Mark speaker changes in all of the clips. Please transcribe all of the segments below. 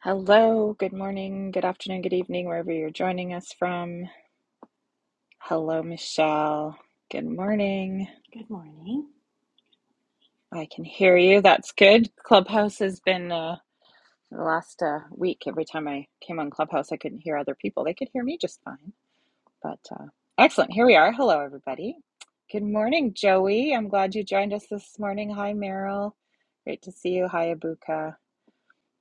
Speaker 1: Hello, good morning, good afternoon, good evening, wherever you're joining us from. Hello, Michelle. Good morning.
Speaker 2: Good morning.
Speaker 1: I can hear you. That's good. Clubhouse has been uh, the last uh, week. Every time I came on Clubhouse, I couldn't hear other people. They could hear me just fine. But uh, excellent. Here we are. Hello, everybody. Good morning, Joey. I'm glad you joined us this morning. Hi, Meryl. Great to see you. Hi, Abuka.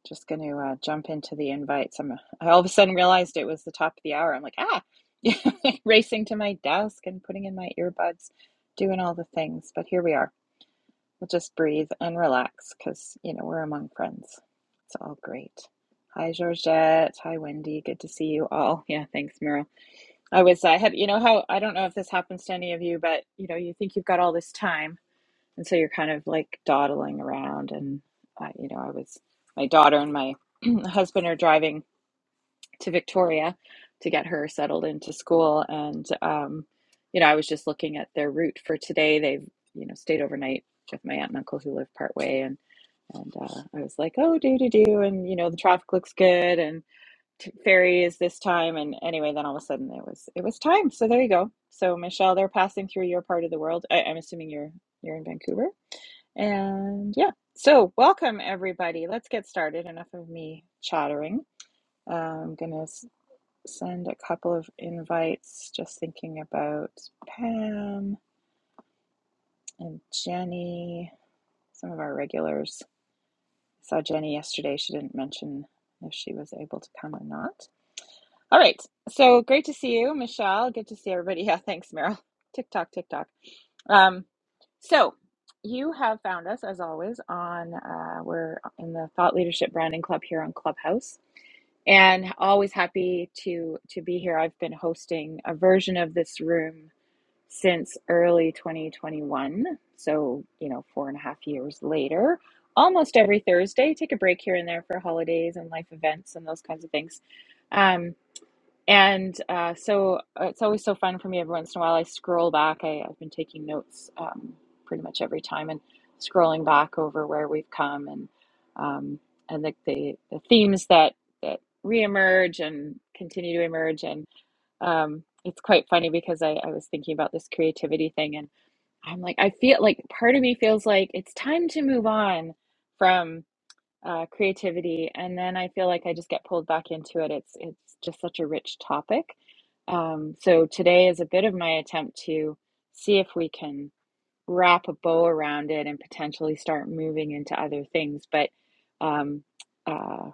Speaker 1: Just going to uh, jump into the invites. I'm, I all of a sudden realized it was the top of the hour. I'm like, ah, racing to my desk and putting in my earbuds, doing all the things. But here we are. We'll just breathe and relax because, you know, we're among friends. It's all great. Hi, Georgette. Hi, Wendy. Good to see you all. Yeah, thanks, Mira. I was, I had, you know, how I don't know if this happens to any of you, but, you know, you think you've got all this time and so you're kind of like dawdling around and uh, you know i was my daughter and my husband are driving to victoria to get her settled into school and um, you know i was just looking at their route for today they've you know stayed overnight with my aunt and uncle who live part way and and uh, i was like oh do do do and you know the traffic looks good and t- ferry is this time and anyway then all of a sudden it was it was time so there you go so michelle they're passing through your part of the world I, i'm assuming you're you're in vancouver and yeah, so welcome everybody. Let's get started. Enough of me chattering. Uh, I'm gonna s- send a couple of invites, just thinking about Pam and Jenny, some of our regulars. saw Jenny yesterday. She didn't mention if she was able to come or not. All right, so great to see you, Michelle. Good to see everybody. Yeah, thanks, Meryl. TikTok, TikTok. Um, so you have found us as always on uh, we're in the Thought Leadership Branding Club here on Clubhouse, and always happy to to be here. I've been hosting a version of this room since early 2021, so you know four and a half years later. Almost every Thursday, take a break here and there for holidays and life events and those kinds of things. Um. And uh, so uh, it's always so fun for me. Every once in a while, I scroll back. I, I've been taking notes um, pretty much every time and scrolling back over where we've come and um, and the, the the themes that that reemerge and continue to emerge. And um, it's quite funny because I, I was thinking about this creativity thing, and I'm like, I feel like part of me feels like it's time to move on from uh, creativity, and then I feel like I just get pulled back into it. It's it's just such a rich topic. Um, so today is a bit of my attempt to see if we can wrap a bow around it and potentially start moving into other things. But um, uh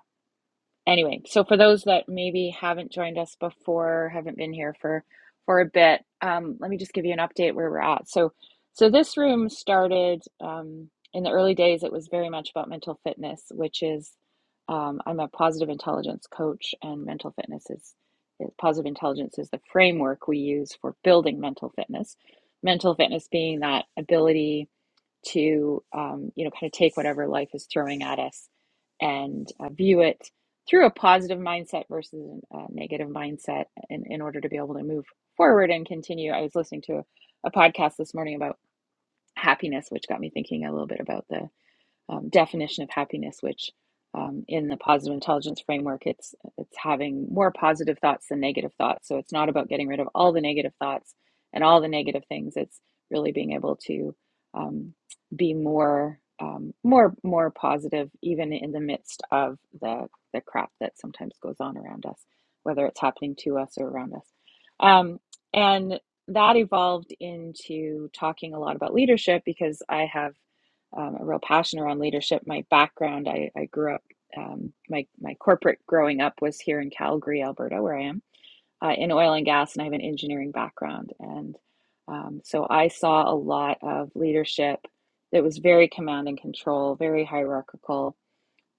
Speaker 1: anyway, so for those that maybe haven't joined us before, haven't been here for for a bit, um, let me just give you an update where we're at. So, so this room started um, in the early days. It was very much about mental fitness, which is um, I'm a positive intelligence coach, and mental fitness is, is positive intelligence is the framework we use for building mental fitness. Mental fitness being that ability to um, you know kind of take whatever life is throwing at us and uh, view it through a positive mindset versus a negative mindset in, in order to be able to move forward and continue i was listening to a, a podcast this morning about happiness which got me thinking a little bit about the um, definition of happiness, which um, in the positive intelligence framework, it's it's having more positive thoughts than negative thoughts. So it's not about getting rid of all the negative thoughts and all the negative things. It's really being able to um, be more um, more more positive, even in the midst of the the crap that sometimes goes on around us, whether it's happening to us or around us. Um, and that evolved into talking a lot about leadership because I have um, a real passion around leadership. My background, I, I grew up, um, my, my corporate growing up was here in Calgary, Alberta, where I am, uh, in oil and gas, and I have an engineering background. And um, so I saw a lot of leadership that was very command and control, very hierarchical.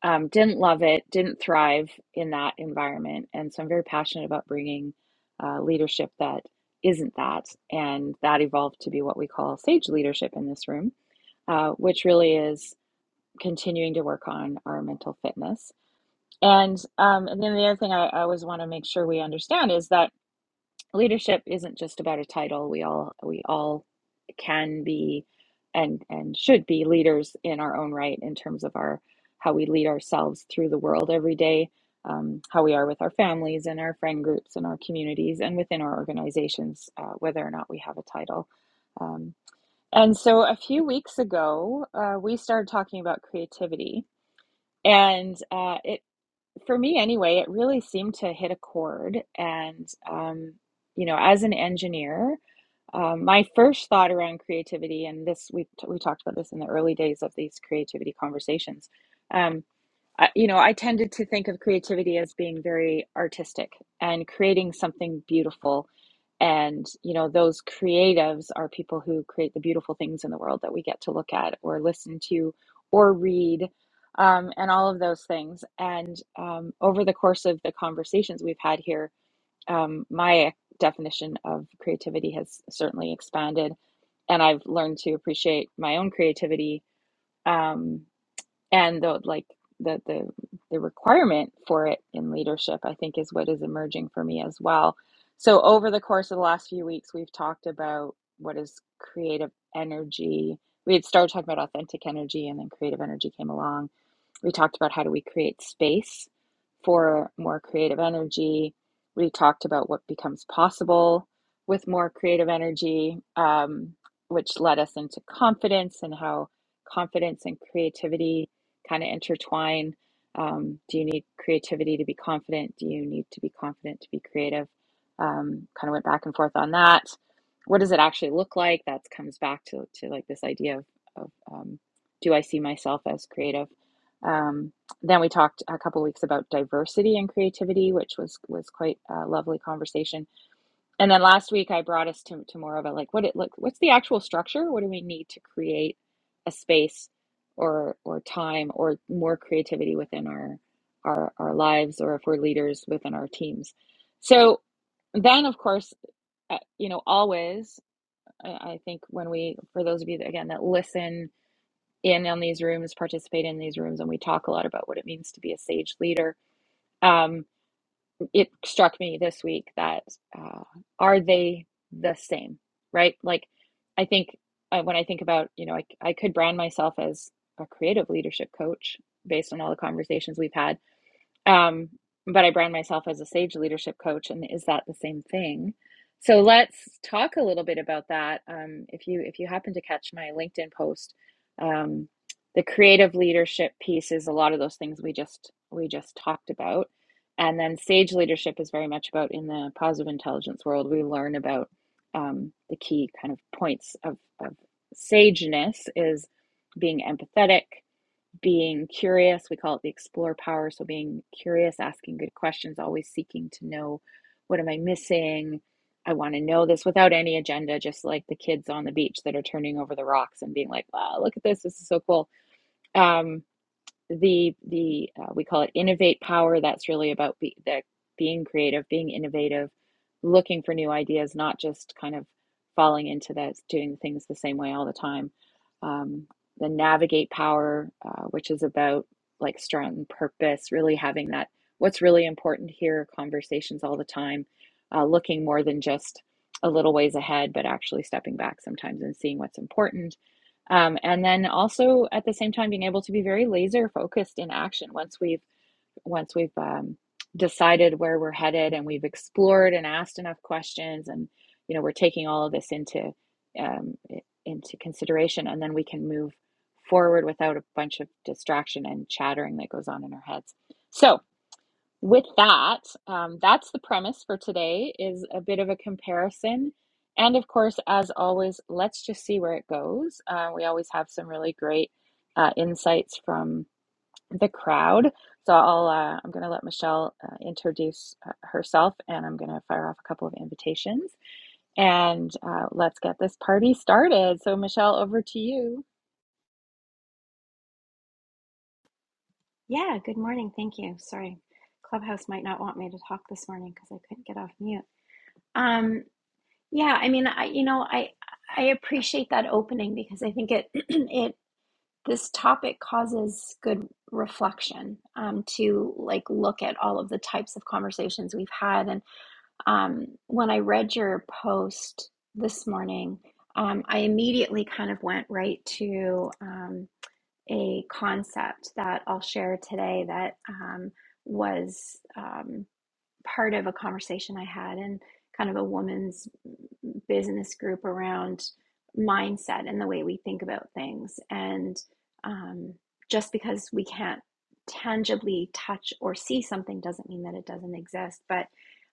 Speaker 1: Um, didn't love it, didn't thrive in that environment. And so I'm very passionate about bringing uh, leadership that isn't that. And that evolved to be what we call sage leadership in this room uh, which really is continuing to work on our mental fitness. And um, and then the other thing I, I always want to make sure we understand is that leadership isn't just about a title. We all we all can be and and should be leaders in our own right in terms of our how we lead ourselves through the world every day, um, how we are with our families and our friend groups and our communities and within our organizations, uh, whether or not we have a title. Um, and so a few weeks ago, uh, we started talking about creativity and uh, it, for me anyway, it really seemed to hit a chord. And, um, you know, as an engineer, um, my first thought around creativity, and this we we talked about this in the early days of these creativity conversations. um, I, you know, I tended to think of creativity as being very artistic and creating something beautiful. And, you know, those creatives are people who create the beautiful things in the world that we get to look at or listen to or read um, and all of those things. And um, over the course of the conversations we've had here, um, my definition of creativity has certainly expanded. And I've learned to appreciate my own creativity. Um, and the like the the the requirement for it in leadership i think is what is emerging for me as well so over the course of the last few weeks we've talked about what is creative energy we had started talking about authentic energy and then creative energy came along we talked about how do we create space for more creative energy we talked about what becomes possible with more creative energy um, which led us into confidence and how confidence and creativity kind of intertwine. Um, do you need creativity to be confident? Do you need to be confident to be creative? Um, kind of went back and forth on that. What does it actually look like? That comes back to, to like this idea of, of um, do I see myself as creative? Um, then we talked a couple weeks about diversity and creativity, which was was quite a lovely conversation and then last week I brought us to, to more of a like what it look what's the actual structure? What do we need to create a space or or time or more creativity within our our our lives or if we're leaders within our teams. So then of course uh, you know always I, I think when we for those of you that again that listen in on these rooms participate in these rooms and we talk a lot about what it means to be a sage leader Um, it struck me this week that uh, are they the same, right? Like, I think uh, when I think about, you know, I, I could brand myself as a creative leadership coach based on all the conversations we've had um, but I brand myself as a Sage leadership coach, and is that the same thing? So let's talk a little bit about that. Um, if you if you happen to catch my LinkedIn post, um, the creative leadership piece is a lot of those things we just we just talked about, and then Sage leadership is very much about in the positive intelligence world. We learn about um, the key kind of points of of sageness is being empathetic, being curious. We call it the explore power. So, being curious, asking good questions, always seeking to know what am I missing? I want to know this without any agenda, just like the kids on the beach that are turning over the rocks and being like, wow, look at this. This is so cool. Um, the the uh, we call it innovate power. That's really about be, the, being creative, being innovative, looking for new ideas, not just kind of falling into that doing things the same way all the time. Um, the navigate power, uh, which is about like strong purpose, really having that what's really important here, conversations all the time, uh, looking more than just a little ways ahead, but actually stepping back sometimes and seeing what's important um, and then also at the same time being able to be very laser focused in action once we've once we've um, decided where we're headed and we've explored and asked enough questions and you know we're taking all of this into um, into consideration and then we can move forward without a bunch of distraction and chattering that goes on in our heads so with that, um, that's the premise for today is a bit of a comparison. And of course, as always, let's just see where it goes. Uh, we always have some really great uh, insights from the crowd. So I'll, uh, I'm going to let Michelle uh, introduce uh, herself and I'm going to fire off a couple of invitations and uh, let's get this party started. So Michelle, over to you.
Speaker 2: Yeah, good morning. Thank you. Sorry, Clubhouse might not want me to talk this morning because I couldn't get off mute. Um, yeah, I mean, I you know, I I appreciate that opening because I think it it this topic causes good reflection um, to like look at all of the types of conversations we've had. And um, when I read your post this morning, um, I immediately kind of went right to. um. a concept that I'll share today that um, was. Um, part of a conversation I had in kind of a woman's business group around mindset and the way we think about things. And um, just because we can't tangibly touch or see something doesn't mean that it doesn't exist. But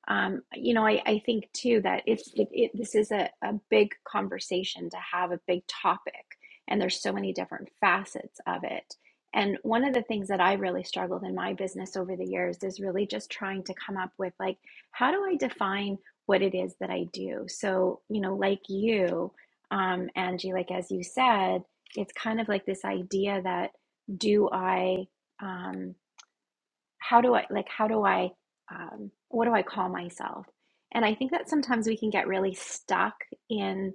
Speaker 2: um, you know, I, I think too that it's it, it, this is a, a big conversation to have a big topic, and there's so many different facets of it and one of the things that I really struggled in my business over the years is really just trying to come up with like, how do I define what it is that I do? So, you know, like you, um, Angie, like as you said, it's kind of like this idea that do I, um, how do I, like, how do I, um, what do I call myself? And I think that sometimes we can get really stuck in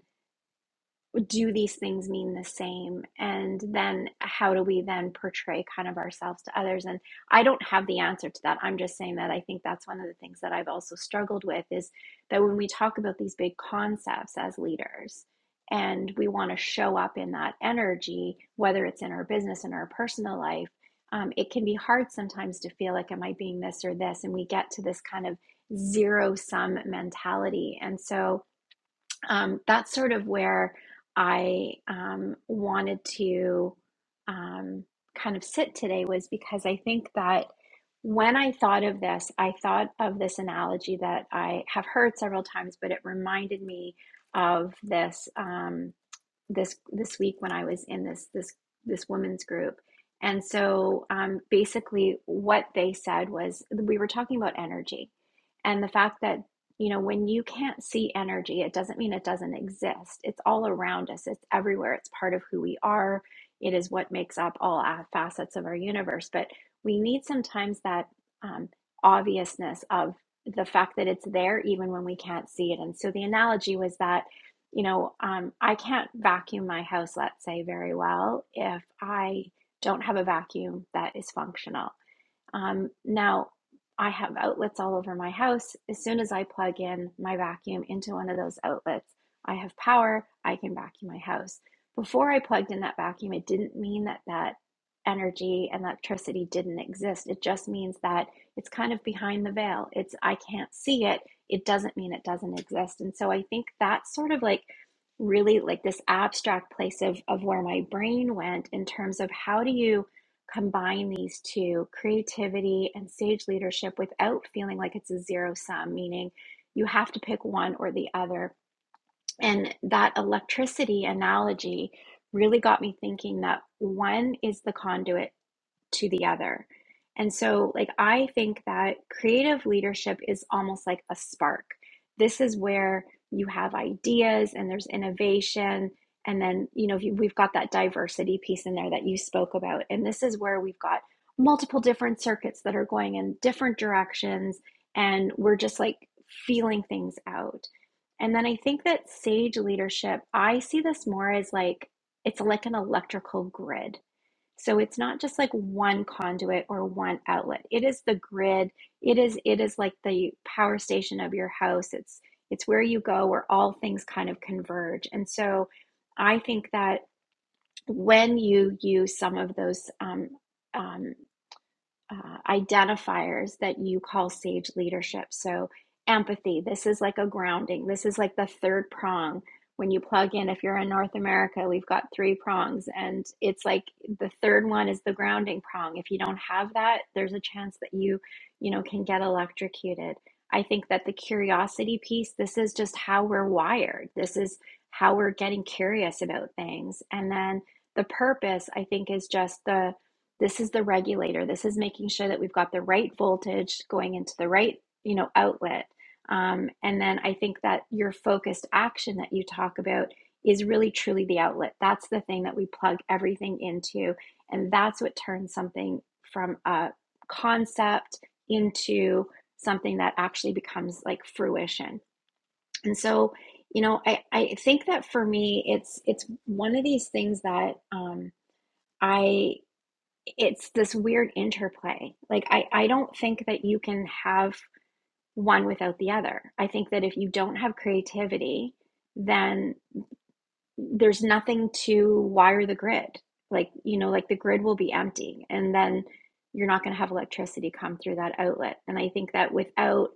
Speaker 2: do these things mean the same and then how do we then portray kind of ourselves to others and i don't have the answer to that i'm just saying that i think that's one of the things that i've also struggled with is that when we talk about these big concepts as leaders and we want to show up in that energy whether it's in our business in our personal life um, it can be hard sometimes to feel like am i being this or this and we get to this kind of zero sum mentality and so um, that's sort of where I um, wanted to um, kind of sit today was because I think that when I thought of this, I thought of this analogy that I have heard several times, but it reminded me of this. Um, this this week when I was in this this this women's group. And so um, basically what they said was we were talking about energy and the fact that you know when you can't see energy it doesn't mean it doesn't exist. It's all around us. It's everywhere. It's part of who we are. It is what makes up all facets of our universe, but we need sometimes that um, obviousness of the fact that it's there even when we can't see it. And so the analogy was that you know, um, I can't vacuum my house, let's say, very well if I don't have a vacuum that is functional. Um, now, I have outlets all over my house. As soon as I plug in my vacuum into one of those outlets, I have power, I can vacuum my house. Before I plugged in that vacuum, it didn't mean that that energy and electricity didn't exist. It just means that it's kind of behind the veil. It's I can't see it. It doesn't mean it doesn't exist. And so I think that's sort of like really like this abstract place of of where my brain went in terms of how do you combine these two creativity and sage leadership without feeling like it's a zero sum, meaning you have to pick one or the other. And that electricity analogy really got me thinking that one is the conduit to the other. And so, like, I think that creative leadership is almost like a spark. This is where you have ideas and there's innovation. And then, you know, we've got that diversity piece in there that you spoke about. And this is where we've got multiple different circuits that are going in different directions. And we're just like feeling things out. And then I think that sage leadership, I see this more as like it's like an electrical grid so it's not just like one conduit or one outlet. It is the grid. It is it is like the power station of your house. It's it's where you go where all things kind of converge. And so I think that when you use some of those um, um, uh, identifiers that you call sage leadership. So, empathy, this is like a grounding. This is like the third prong. When you plug in, if you're in North America, we've got three prongs, and it's like the third one is the grounding prong. If you don't have that, there's a chance that you, you know, can get electrocuted. I think that the curiosity piece, this is just how we're wired. This is how we're getting curious about things. And then the purpose, I think, is just the this is the regulator this is making sure that we've got the right voltage going into the right you know outlet um, and then i think that your focused action that you talk about is really truly the outlet that's the thing that we plug everything into and that's what turns something from a concept into something that actually becomes like fruition and so you know i, I think that for me it's it's one of these things that um, I it's this weird interplay. Like I I don't think that you can have one without the other. I think that if you don't have creativity, then there's nothing to wire the grid. Like, you know, like the grid will be empty and then you're not going to have electricity come through that outlet. And I think that without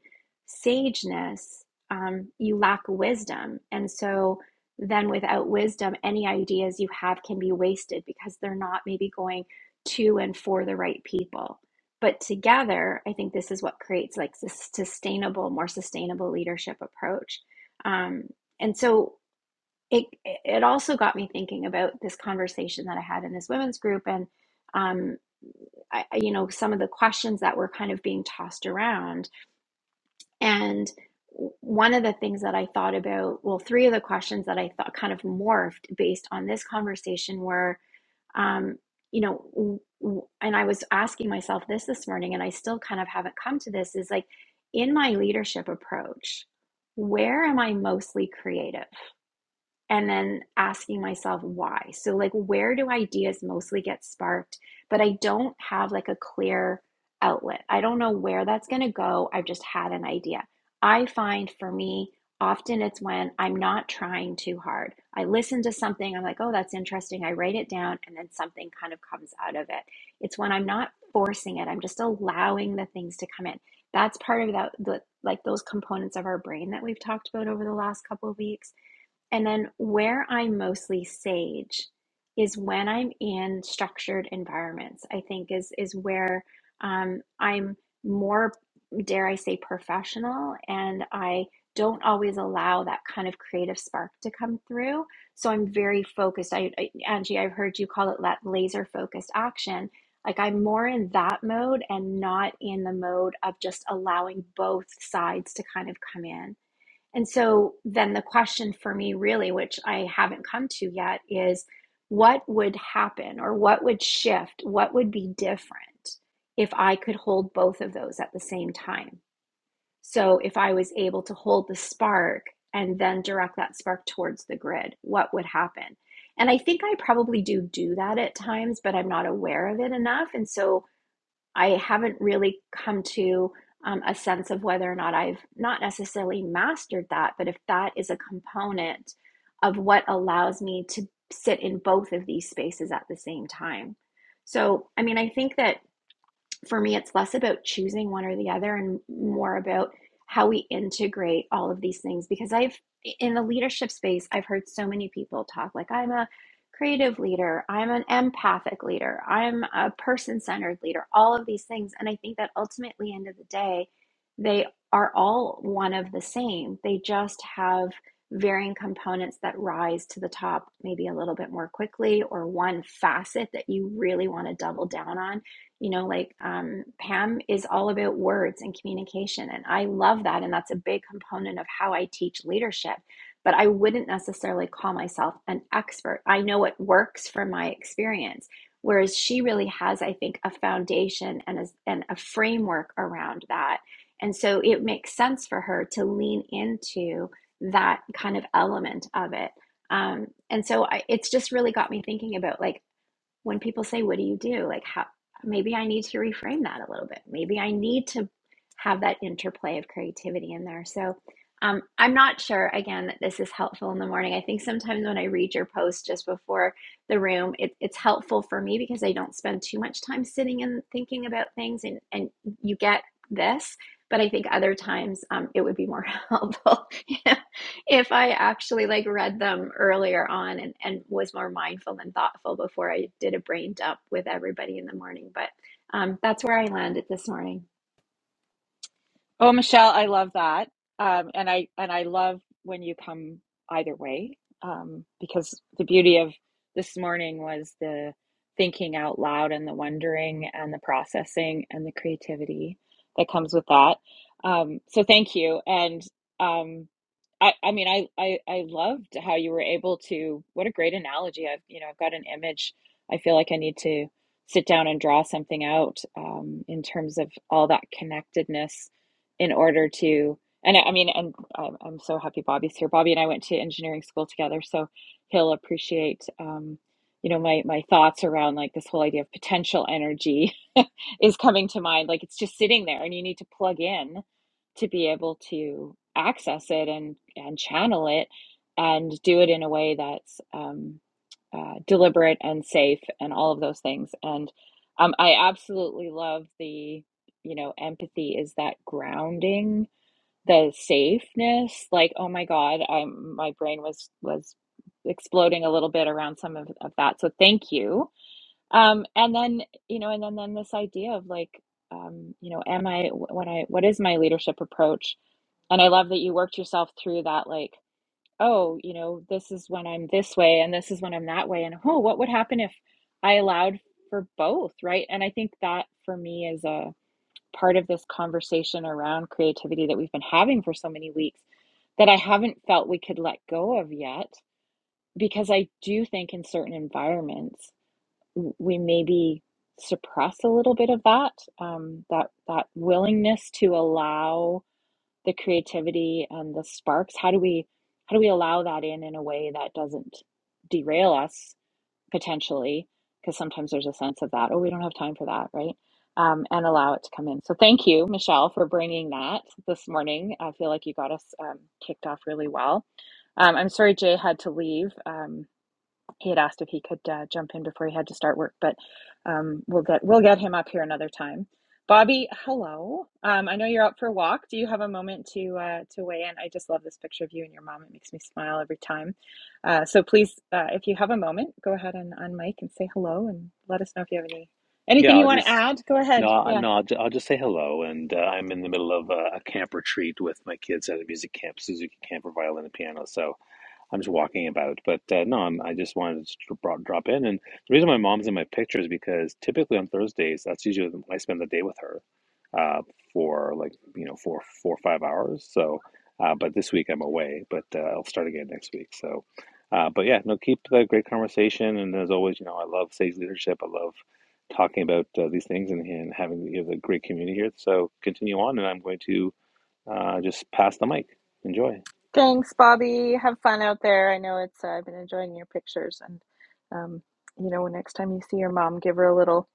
Speaker 2: sageness, um, you lack wisdom. And so then without wisdom, any ideas you have can be wasted because they're not maybe going to and for the right people. But together, I think this is what creates like this sustainable, more sustainable leadership approach. Um, and so it it also got me thinking about this conversation that I had in this women's group and um I, you know some of the questions that were kind of being tossed around and one of the things that I thought about well three of the questions that I thought kind of morphed based on this conversation were um you know and I was asking myself this this morning and I still kind of haven't come to this is like in my leadership approach where am I mostly creative and then asking myself why. So, like, where do ideas mostly get sparked? But I don't have like a clear outlet. I don't know where that's going to go. I've just had an idea. I find for me, often it's when I'm not trying too hard. I listen to something, I'm like, oh, that's interesting. I write it down, and then something kind of comes out of it. It's when I'm not forcing it, I'm just allowing the things to come in. That's part of that, the, like those components of our brain that we've talked about over the last couple of weeks and then where I'm mostly sage is when I'm in structured environments, I think is is where um, I'm more, dare I say, professional, and I don't always allow that kind of creative spark to come through. So I'm very focused. I, I Angie, I've heard you call it that laser focused action. Like I'm more in that mode and not in the mode of just allowing both sides to kind of come in. And so then the question for me, really, which I haven't come to yet, is what would happen or what would shift? What would be different if I could hold both of those at the same time? So if I was able to hold the spark and then direct that spark towards the grid, what would happen? And I think I probably do do that at times, but I'm not aware of it enough. And so I haven't really come to um, a sense of whether or not I've not necessarily mastered that, but if that is a component of what allows me to sit in both of these spaces at the same time. So, I mean, I think that for me, it's less about choosing one or the other and more about how we integrate all of these things. Because I've, in the leadership space, I've heard so many people talk like, I'm a creative leader, I'm an empathic leader, I'm a person centered leader, all of these things. And I think that ultimately, end of the day, they are all one of the same. They just have varying components that rise to the top maybe a little bit more quickly or one facet that you really want to double down on you know, like um, Pam is all about words and communication. And I love that. And that's a big component of how I teach leadership. But I wouldn't necessarily call myself an expert. I know it works from my experience. Whereas she really has, I think, a foundation and a, and a framework around that. And so it makes sense for her to lean into that kind of element of it. Um, and so I, it's just really got me thinking about like, when people say, What do you do? Like, how maybe I need to reframe that a little bit. Maybe I need to have that interplay of creativity in there. So, um, I'm not sure again that this is helpful in the morning. I think sometimes when I read your post just before the room, it, it's helpful for me because I don't spend too much time sitting and thinking about things, and, and you get this. But I think other times um, it would be more helpful if if I actually like read them earlier on and, and was more mindful and thoughtful before I did a brain dump with everybody in the morning. But um, that's where I landed this morning.
Speaker 1: Oh, Michelle, I love that. Um, and I and I love when you come either way, um, because the beauty of this morning was the thinking out loud and the wondering and the processing and the creativity that comes with that. Um, so thank you. And um, I, I mean, I, I, I loved how you were able to, what a great analogy. I've, you know, I've got an image. I feel like I need to sit down and draw something out um, in terms of all that connectedness in order to and I mean and I'm, I'm so happy Bobby's here. Bobby and I went to engineering school together, so he'll appreciate um, you know my my thoughts around like this whole idea of potential energy is coming to mind. Like it's just sitting there, and you need to plug in to be able to access it and and channel it and do it in a way that's um, uh, deliberate and safe and all of those things. And um, I absolutely love the you know, empathy is that grounding, the safeness. Like, oh my God, I'm my brain was was exploding a little bit around some of, of that. So thank you. Um, and then, you know, and then then this idea of like, um, you know, am I when I what is my leadership approach? And I love that you worked yourself through that, like, oh, you know, this is when I'm this way and this is when I'm that way. And oh, what would happen if I allowed for both, right? And I think that for me is a part of this conversation around creativity that we've been having for so many weeks that I haven't felt we could let go of yet. Because I do think in certain environments, we maybe suppress a little bit of that, um, that, that willingness to allow the creativity and the sparks. How do we, how do we allow that in in a way that doesn't derail us potentially, because sometimes there's a sense of that, oh, we don't have time for that, right? Um, and allow it to come in. So thank you, Michelle, for bringing that this morning. I feel like you got us um, kicked off really well. Um, I'm sorry Jay had to leave. Um, he had asked if he could uh, jump in before he had to start work, but um, we'll get we'll get him up here another time. Bobby, hello. Um, I know you're out for a walk. Do you have a moment to uh, to weigh in? I just love this picture of you and your mom. It makes me smile every time. Uh, so please, uh, if you have a moment, go ahead and unmic and say hello, and let us know if you have any anything
Speaker 3: Yeah,
Speaker 1: you
Speaker 3: I'll
Speaker 1: want to
Speaker 3: just
Speaker 1: add. Go
Speaker 3: no,
Speaker 1: ahead. Yeah.
Speaker 3: no. I'll, ju- I'll just say hello, and uh, I'm in the middle of a, a camp retreat with my kids at a music camp, Suzuki Camp for violin and piano. So I'm just walking about. But uh, no, I'm, I just wanted to dr- bro- drop in. And the reason my mom's in my picture is because typically on Thursdays, that's usually when I spend the day with her uh, for like, you know, four, four or five hours. So, uh, but this week I'm away, but uh, I'll start again next week. So, uh, but yeah, no, keep the great conversation. And as always, you know, I love Sage Leadership. I love talking about uh, these things and, and having you know, the great community here. So continue on, and I'm going to uh, just pass the mic. Enjoy.
Speaker 1: Thanks, Bobby. Have fun out there. I know it's. Uh, I've been enjoying your pictures, and um, you know, next time you see your mom, give her a little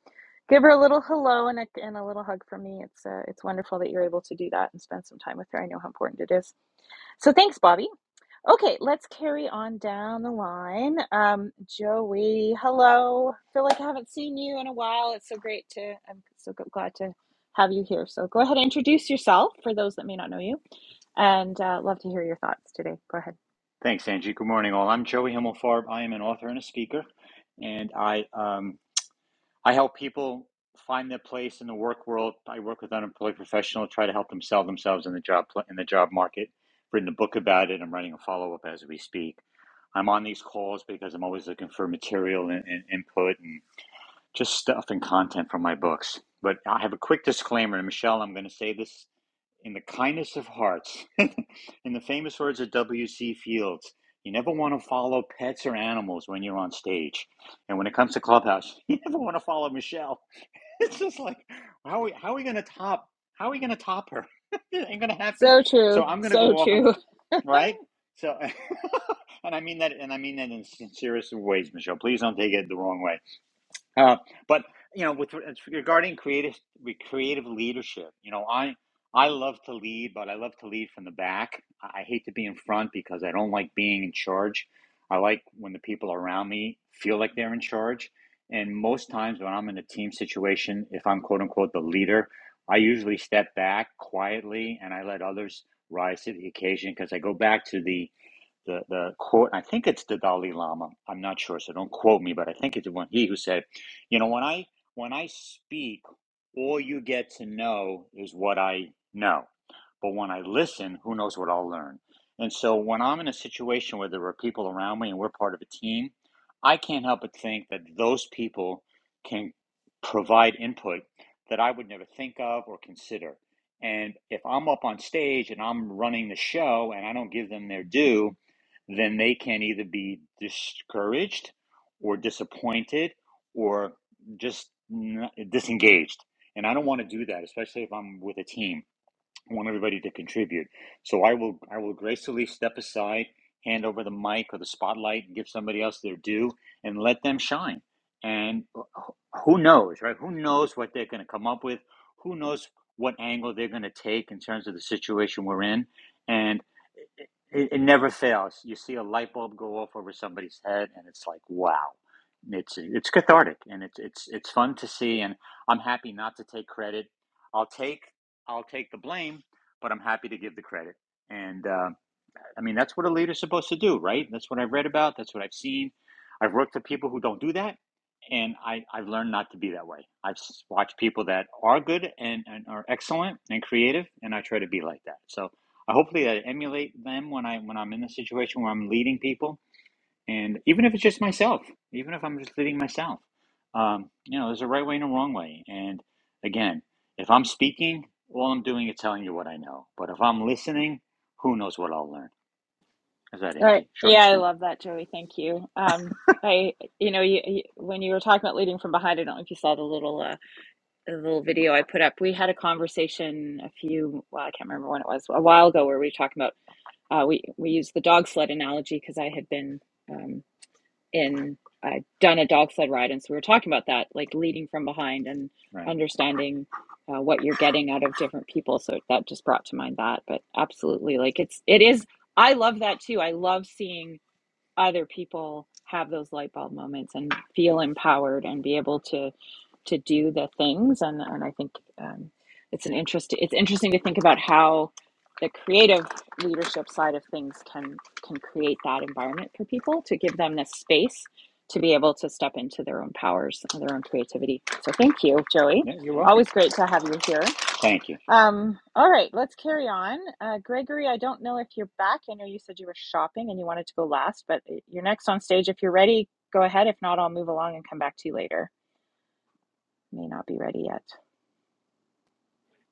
Speaker 1: Give her a little hello and a, and a little hug from me. It's uh, it's wonderful that you're able to do that and spend some time with her. I know how important it is. So thanks, Bobby. Okay, let's carry on down the line. Um, Joey, hello. Feel like I haven't seen you in a while. It's so great to. I'm so glad to have you here. So go ahead and introduce yourself for those that may not know you, and uh, love to hear your thoughts today. Go ahead.
Speaker 4: Thanks, Angie. Good morning, all. I'm Joey Himmelfarb. I am an author and a speaker, and I um, I help people find their place in the work world. I work with unemployed professionals, try to help them sell themselves in the job pl- in the job market. Written a book about it. I'm writing a follow up as we speak. I'm on these calls because I'm always looking for material and, and input and just stuff and content from my books. But I have a quick disclaimer, and Michelle, I'm going to say this in the kindness of hearts, in the famous words of W.C. Fields, you never want to follow pets or animals when you're on stage. And when it comes to Clubhouse, you never want to follow Michelle. It's just like, how are we, how are we going to top? How are we going to top her? it ain't going to happen.
Speaker 1: So
Speaker 4: So
Speaker 1: true.
Speaker 4: I'm going to
Speaker 1: So
Speaker 4: go off on a,
Speaker 1: true.
Speaker 4: right? So, and I mean that, and I mean that in sincerest of ways, Michelle. Please don't take it the wrong way. Uh, but you know, with regarding creative creative leadership, you know, I I love to lead, but I love to lead from the back. I hate to be in front because I don't like being in charge. I like when the people around me feel like they're in charge. And most times when I'm in a team situation, if I'm quote unquote the leader, I usually step back quietly and I let others rise to the occasion because I go back to the the, the quote, I think it's the Dalai Lama. I'm not sure, so don't quote me, but I think it's the one he who said, you know, when I when I speak, all you get to know is what I know. But when I listen, who knows what I'll learn. And so when I'm in a situation where there are people around me and we're part of a team, I can't help but think that those people can provide input that I would never think of or consider. And if I'm up on stage and I'm running the show and I don't give them their due, then they can either be discouraged or disappointed or just disengaged. And I don't want to do that, especially if I'm with a team. I want everybody to contribute. So I will I will gracefully step aside, hand over the mic or the spotlight, and give somebody else their due, and let them shine. And who knows, right? Who knows what they're going to come up with? Who knows what angle they're going to take in terms of the situation we're in? And it it never fails. You see a light bulb go off over somebody's head, and it's like, wow. It's it's cathartic and it's it's it's fun to see, and I'm happy not to take credit. I'll take I'll take the blame, but I'm happy to give the credit. And uh, I mean, that's what a leader's supposed to do, right? That's what I've read about. That's what I've seen. I've worked with people who don't do that, and I, I've learned not to be that way. I've watched people that are good and, and are excellent and creative, and I try to be like that. So I hopefully I emulate them when I when I'm in the situation where I'm leading people and even if it's just myself, even if I'm just leading myself, um, you know, there's a right way and a wrong way. And again, if I'm speaking, all I'm doing is telling you what I know. But if I'm listening, who knows what I'll learn? Is that
Speaker 1: Right.
Speaker 4: Angie? Short and
Speaker 1: Yeah, I
Speaker 4: sweet,
Speaker 1: love that, Joey. Thank you. Um, I, you know, you, you, when you were talking about leading from behind, I don't know if you saw the little, uh, the little video I put up. We had a conversation a few, well, I can't remember when it was, a while ago, where we were talking about, uh, we we used the dog sled analogy because I had been um, in, I'd done a dog sled ride, and so we were talking about that, like leading from behind and
Speaker 4: right?
Speaker 1: understanding uh, what you're getting out of different people. So that just brought to mind that. But absolutely, like it's, it is. I love that too. I love seeing other people have those light bulb moments and feel empowered and be able to to do the things and and I think um, it's an interest it's interesting to think about how the creative leadership side of things can can create that environment for people to give them the space to be able to step into their own powers and their own creativity. So thank you, Joey.
Speaker 4: Yeah, you're welcome.
Speaker 1: Always great to have you here.
Speaker 4: Thank you.
Speaker 1: Um, all right, let's carry on. Uh, Gregory, I don't know if you're back. I know you said you were shopping and you wanted to go last, but uh, you're next on stage. If you're ready, go ahead. If not, I'll move along and come back to you later. May not be ready yet.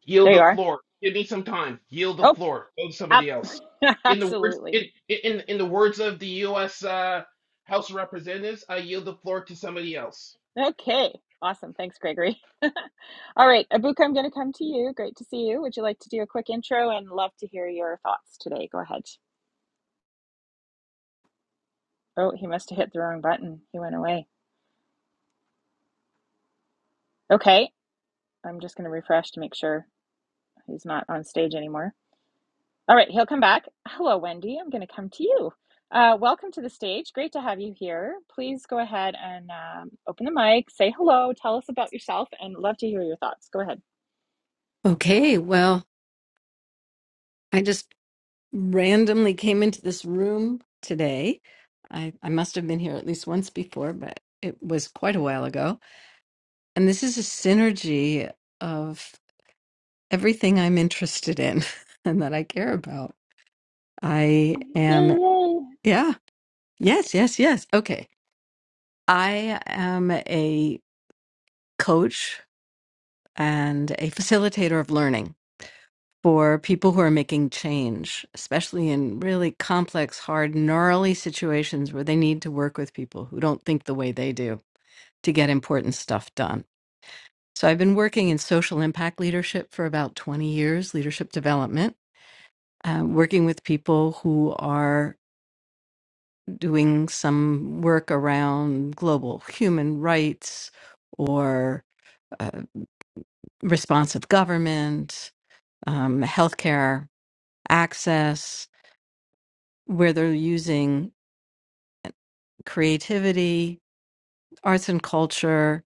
Speaker 5: Yield
Speaker 1: There you
Speaker 5: the
Speaker 1: are.
Speaker 5: floor. Give me some time. Yield the
Speaker 1: Oh,
Speaker 5: floor. Go to
Speaker 1: up.
Speaker 5: somebody else. In the words
Speaker 1: Absolutely.
Speaker 5: in in in the words of the U.S. Uh, House of Representatives, I yield the floor to somebody else.
Speaker 1: Okay. Awesome. Thanks, Gregory. All right, Abuka, I'm going to come to you. Great to see you. Would you like to do a quick intro and love to hear your thoughts today? Go ahead. Oh, he must have hit the wrong button. He went away. Okay. I'm just going to refresh to make sure. He's not on stage anymore. All right, he'll come back. Hello, Wendy. I'm going to come to you. Uh, welcome to the stage. Great to have you here. Please go ahead and um, open the mic, say hello, tell us about yourself, and love to hear your thoughts. Go ahead.
Speaker 6: Okay, well, I just randomly came into this room today. I, I must have been here at least once before, but it was quite a while ago. And this is a synergy of everything I'm interested in and that I care about. I
Speaker 1: Yay,
Speaker 6: am,
Speaker 1: yay.
Speaker 6: yeah, yes, yes, yes. Okay. I am a coach and a facilitator of learning. for people who are making change, especially in really complex, hard, gnarly situations where they need to work with people who don't think the way they do to get important stuff done. So I've been working in social impact leadership for about 20 years, leadership development, uh, working with people who are doing some work around global human rights or uh, responsive government, um, healthcare access, where they're using creativity, arts and culture,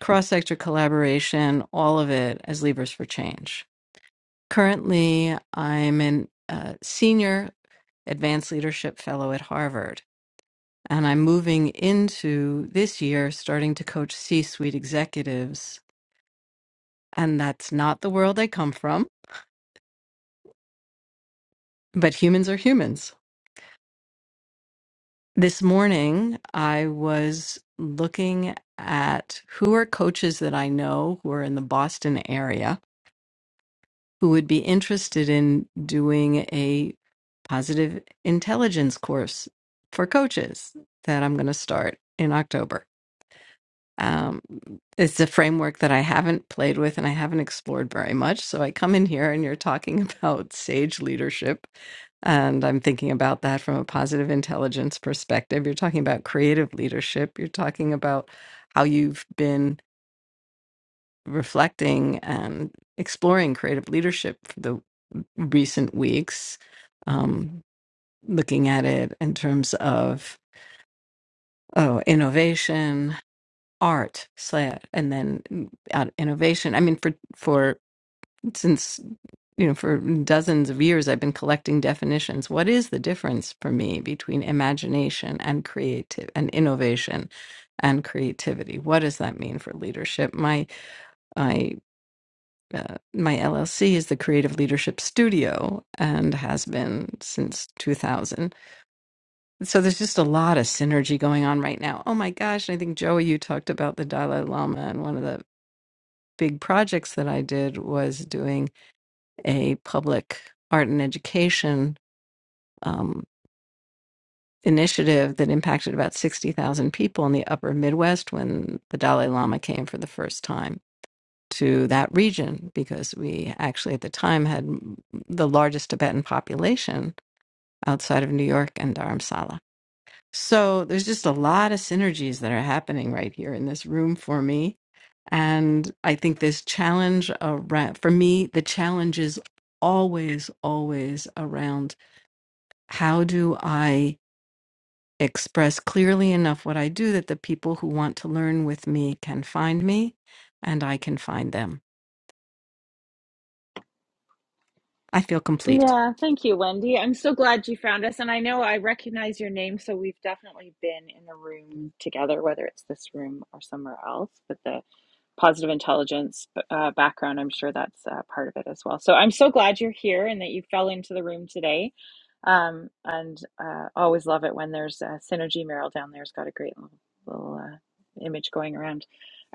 Speaker 6: cross sector collaboration, all of it as levers for change. Currently, I'm a uh, senior advanced leadership fellow at Harvard, and I'm moving into this year starting to coach C suite executives. And that's not the world I come from, but humans are humans. This morning, I was looking at who are coaches that I know who are in the Boston area who would be interested in doing a positive intelligence course for coaches that I'm going to start in October. Um, it's a framework that I haven't played with and I haven't explored very much. So I come in here and you're talking about sage leadership. And I'm thinking about that from a positive intelligence perspective. You're talking about creative leadership. You're talking about how you've been reflecting and exploring creative leadership for the recent weeks, um, looking at it in terms of oh innovation, art, slash, and then mm, out innovation. I mean, for for since you know for dozens of years, I've been collecting definitions. What is the difference for me between imagination and creative and innovation? And creativity. What does that mean for leadership? My uh, my LLC is the Creative Leadership Studio and has been since 2000. So there's just a lot of synergy going on right now. Oh my gosh. And I think, Joey, you talked about the Dalai Lama. And one of the big projects that I did was doing a public art and education um, initiative that impacted about 60,000 people in the upper Midwest when the Dalai Lama came for the first time. to that region because we actually at the time had the largest Tibetan population outside of New York and Dharamsala. So there's just a lot of synergies that are happening right here in this room for me. And I think this challenge around, for me, the challenge is always, always around how do I express clearly enough what I do that the people who want to learn with me can find me and I can find them. I feel complete.
Speaker 1: Yeah, thank you, Wendy. I'm so glad you found us. And I know I recognize your name, so we've definitely been in a room together, whether it's this room or somewhere else. But the positive intelligence uh, background. I'm sure that's uh, part of it as well. So I'm so glad you're here and that you fell into the room today. Um, and uh, always love it when there's uh, synergy. Meryl down there's got a great little, little uh, image going around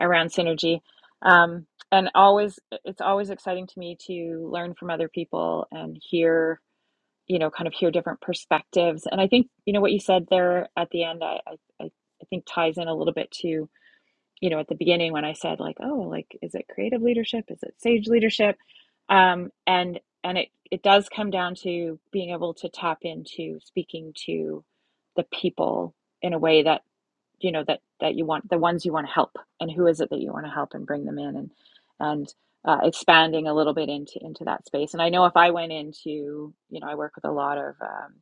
Speaker 1: around synergy. Um, and always, it's always exciting to me to learn from other people and hear, you know, kind of hear different perspectives. And I think, you know, what you said there at the end, I, I, I I think ties in a little bit to you know, at the beginning when I said like, oh, like, is it creative leadership? Is it sage leadership? Um, and and it it does come down to being able to tap into speaking to the people in a way that you know that that you want the ones you want to help and who is it that you want to help and bring them in and and uh, expanding a little bit into into that space. And I know if I went into you know I work with a lot of um,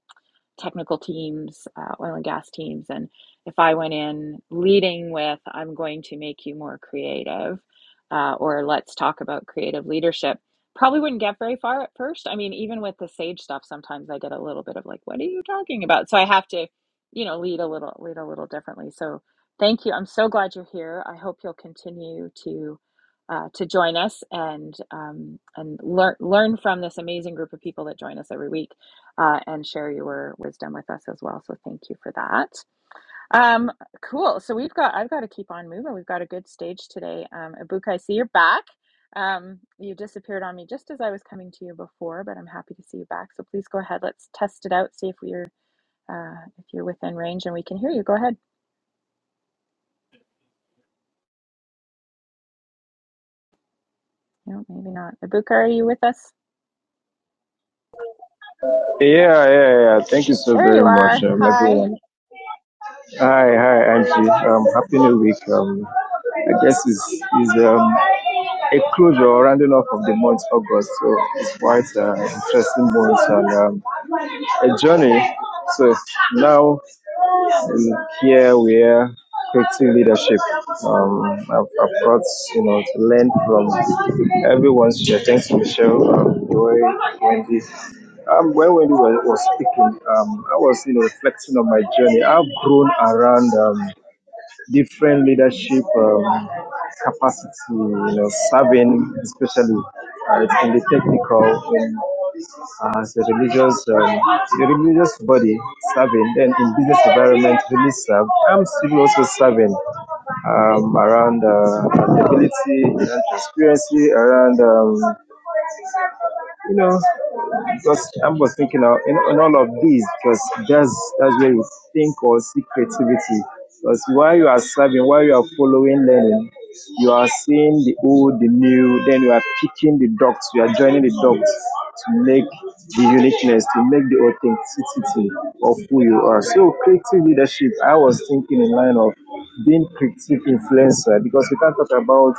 Speaker 1: technical teams, uh, oil and gas teams. And if I went in leading with, I'm going to make you more creative, uh, or let's talk about creative leadership, probably wouldn't get very far at first. I mean, even with the sage stuff, sometimes I get a little bit of like, what are you talking about? So I have to, you know, lead a little, lead a little differently. So thank you. I'm so glad you're here. I hope you'll continue to. Uh, to join us and um, and learn learn from this amazing group of people that join us every week uh, and share your wisdom with us as well. So thank you for that. Um, cool. So we've got I've got to keep on moving. We've got a good stage today. Um, Abuka, I see you're back. Um, you disappeared on me just as I was coming to you before, but I'm happy to see you back. So please go ahead. Let's test it out. See if we're uh, if you're within range and we can hear you. Go ahead. No, maybe not. Abuka, are you with us?
Speaker 7: Yeah, yeah, yeah. Thank you so
Speaker 1: There
Speaker 7: very
Speaker 1: you
Speaker 7: much,
Speaker 1: are.
Speaker 7: um,
Speaker 1: Hi.
Speaker 7: everyone. Hi, hi, Angie. Um, happy New Week. Um, I guess it's, it's um, a closure or rounding off of the month August, so it's quite an interesting month and um, a journey. So now um, here we are creating leadership. Um, I've, I've got you know to learn from everyone's share. Thanks, Michelle, um, Joy, Wendy. Um, when when you were, was speaking, um, I was you know reflecting on my journey. I've grown around um, different leadership um, capacity, you know, serving especially uh, in the technical, in, uh, as a religious, um, the religious body serving, then in business environment, really serve. I'm still also serving um, around uh, accountability and transparency around. Um, you know, because I am was thinking of in, in all of these, because that's that's where you think or see creativity. Because while you are serving, while you are following learning, you are seeing the old, the new, then you are picking the dots, you are joining the dots to make the uniqueness, to make the authenticity of who you are. So creative leadership, I was thinking in line of being creative influencer because we can't talk about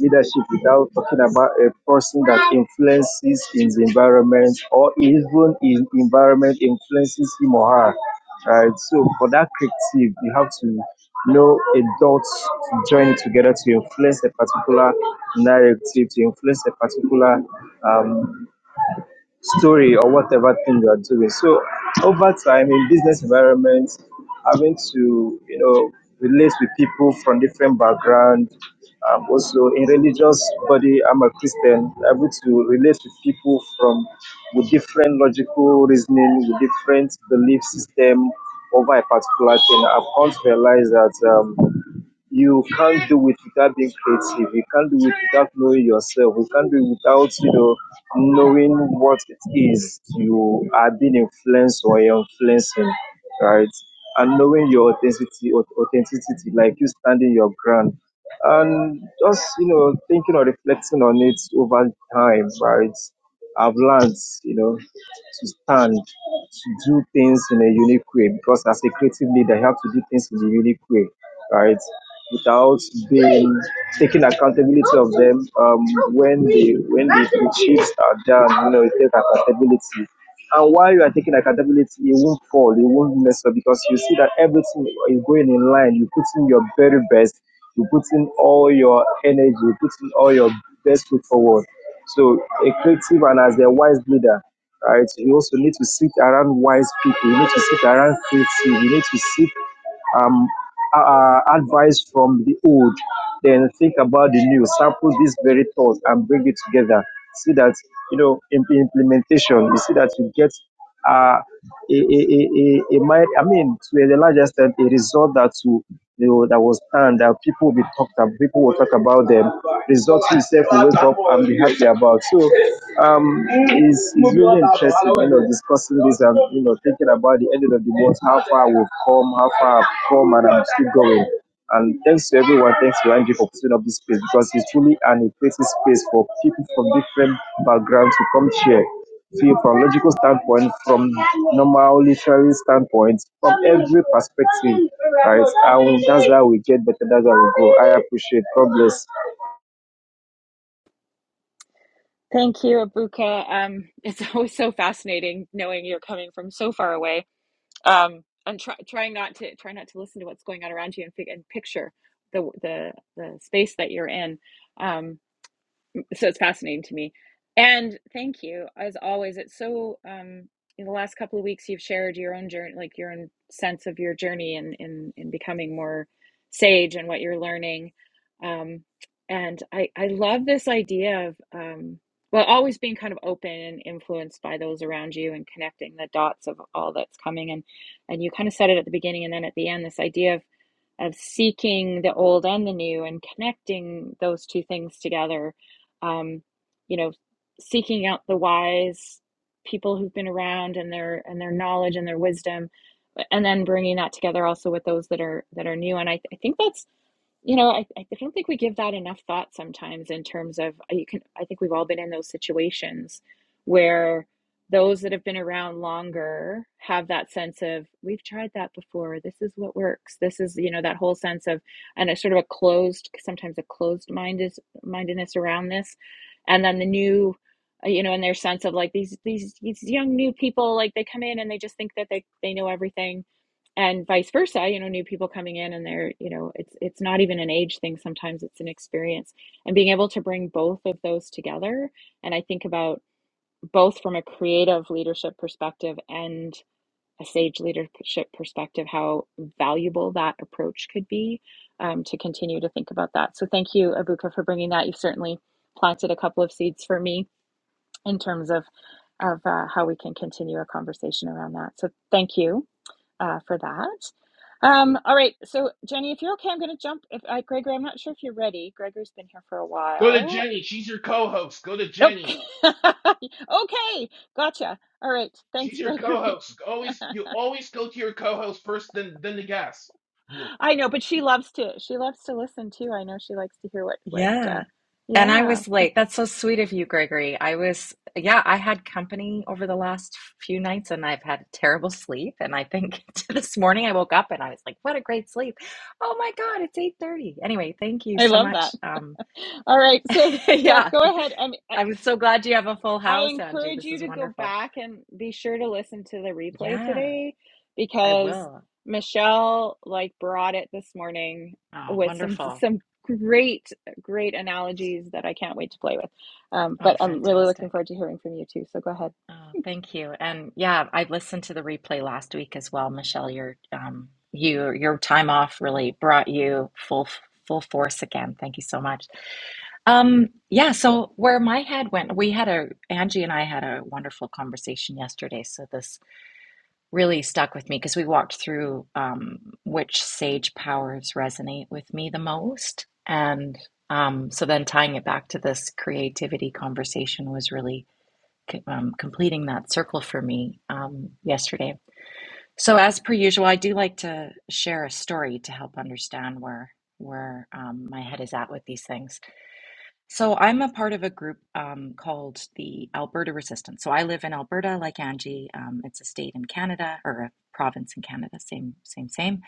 Speaker 7: leadership without talking about a person that influences his environment or even his environment influences him or her. Right. So for that creative, you have to know adults to join together to influence a particular narrative, to influence a particular um, story or whatever thing you are doing. So over time in business environments, having to you know relate with people from different background. Um, also in religious body, I'm a Christian. Able to relate with people from with different logical reasoning, with different belief system over a particular thing. I've come to realize that. Um, you can't do it without being creative. You can't do it without knowing yourself. You can't do it without, you know, knowing what it is you are being influenced or you're influencing, right? And knowing your authenticity, au- authenticity, like you standing your ground, and just you know thinking or reflecting on it over time, right? I've learned, you know, to stand, to do things in a unique way because as a creative leader, you have to do things in a unique way, right? without being taking accountability of them um, when the when the, the chiefs are down. You know, you take accountability. And while you are taking accountability, you won't fall, you won't mess up because you see that everything is going in line. You put in your very best, you put in all your energy, you put in all your best foot forward. So, a creative and as a wise leader, right, you also need to sit around wise people, you need to sit around creative, you need to sit um, uh, uh, advice from the old, then think about the new, sample these very thoughts and bring it together. See that, you know, in in implementation, you see that you get uh, a, a, a, a, a, mi- I mean, to a large extent, a result that you, you know, that was done that people will be talked about, people will talk about them. Results itself, you wake up and be happy about. So, um, it's, it's really really interesting, you know, discussing this and, you know, thinking about the end of the month, how far we've come, how far I've come, and I'm still going. And thanks to everyone, thanks to Andrew for putting up this space because it's truly an inclusive space for people from different backgrounds to come share. Feel from logical standpoint, from normal literary standpoint, from every perspective, right? And that's how we get better, that's how we go. I appreciate. God bless.
Speaker 1: Thank you, Abuka. Um, it's always so fascinating knowing you're coming from so far away um and try, trying not to try not to listen to what's going on around you and, fig- and picture the the the space that you're in um so it's fascinating to me. And thank you, as always. It's so um, in the last couple of weeks you've shared your own journey, like your own sense of your journey in in, in becoming more sage and what you're learning. Um, and I I love this idea of um, well, always being kind of open and influenced by those around you and connecting the dots of all that's coming. And and you kind of said it at the beginning and then at the end. This idea of of seeking the old and the new and connecting those two things together um, you know, seeking out the wise people who've been around and their and their knowledge and their wisdom, and then bringing that together also with those that are that are new. And I, th- I think that's you know, I, I don't think we give that enough thought sometimes in terms of uh, you can, I think we've all been in those situations where those that have been around longer have that sense of we've tried that before. This is what works. This is, you know, that whole sense of and a sort of a closed, sometimes a closed minded mindedness around this. And then the new, uh, you know, in their sense of like these these these young new people, like they come in and they just think that they they know everything and vice versa you know new people coming in and they're you know it's it's not even an age thing sometimes it's an experience and being able to bring both of those together and i think about both from a creative leadership perspective and a sage leadership perspective how valuable that approach could be um, to continue to think about that so thank you abuka for bringing that you've certainly planted a couple of seeds for me in terms of of uh, how we can continue a conversation around that so thank you uh, for that um, all right. So, Jenny, if you're okay, I'm going to jump. If I, Gregory, I'm not sure if you're ready. Gregory's been here for a
Speaker 5: Go to
Speaker 1: while.
Speaker 5: Jenny. She's your co-host. Go to
Speaker 1: Nope.
Speaker 5: Jenny.
Speaker 1: okay. Gotcha. All right. Thanks,
Speaker 5: She's your
Speaker 1: Gregory.
Speaker 5: co-host. Always you always go to your co-host first, then then the guest. Wh-
Speaker 1: I know, but she loves to. She loves to listen too. I know she likes to hear what what.
Speaker 8: Yeah.
Speaker 1: Uh,
Speaker 8: And I
Speaker 1: yeah,
Speaker 8: was late. That's so sweet of you, Gregory. I was, yeah, I had company over the last few nights and I've had terrible sleep. And I think this morning I woke up and I was like, what a great sleep. Oh my God, it's 8:30. Anyway, thank you
Speaker 1: I
Speaker 8: so
Speaker 1: love that.
Speaker 8: much. Um,
Speaker 1: All right. So, yeah,
Speaker 8: yeah.
Speaker 1: go ahead. I mean,
Speaker 8: I'm so glad you have a full
Speaker 1: I
Speaker 8: house, Angie.
Speaker 1: encourage
Speaker 8: This
Speaker 1: you
Speaker 8: is
Speaker 1: to go
Speaker 8: wonderful.
Speaker 1: back and be sure to listen to the replay
Speaker 8: Yeah,
Speaker 1: today
Speaker 8: I
Speaker 1: because
Speaker 8: will.
Speaker 1: Michelle like brought it this morning
Speaker 8: Oh,
Speaker 1: with some
Speaker 8: wonderful.
Speaker 1: some great great analogies that I can't wait to play with. Um,
Speaker 8: Oh,
Speaker 1: but I'm really looking
Speaker 8: fantastic.
Speaker 1: forward to hearing from you too. So go ahead.
Speaker 8: Oh, thank you. And yeah, I listened to the replay last week as well, Michelle. Your um, you your time off really brought you full full force again. Thank you so much. Um, yeah, so where my head went, we had a Angie and I had a wonderful conversation yesterday. So this really stuck with me because we walked through um, which sage powers resonate with me the most, and um, so then tying it back to this creativity conversation was really um, completing that circle for me um, yesterday. So, as per usual, I do like to share a story to help understand where where um, my head is at with these things. So, I'm a part of a group um, called the Alberta Resistance. So, I live in Alberta, like Angie. Um, it's a state in Canada or a province in Canada, same, same, same.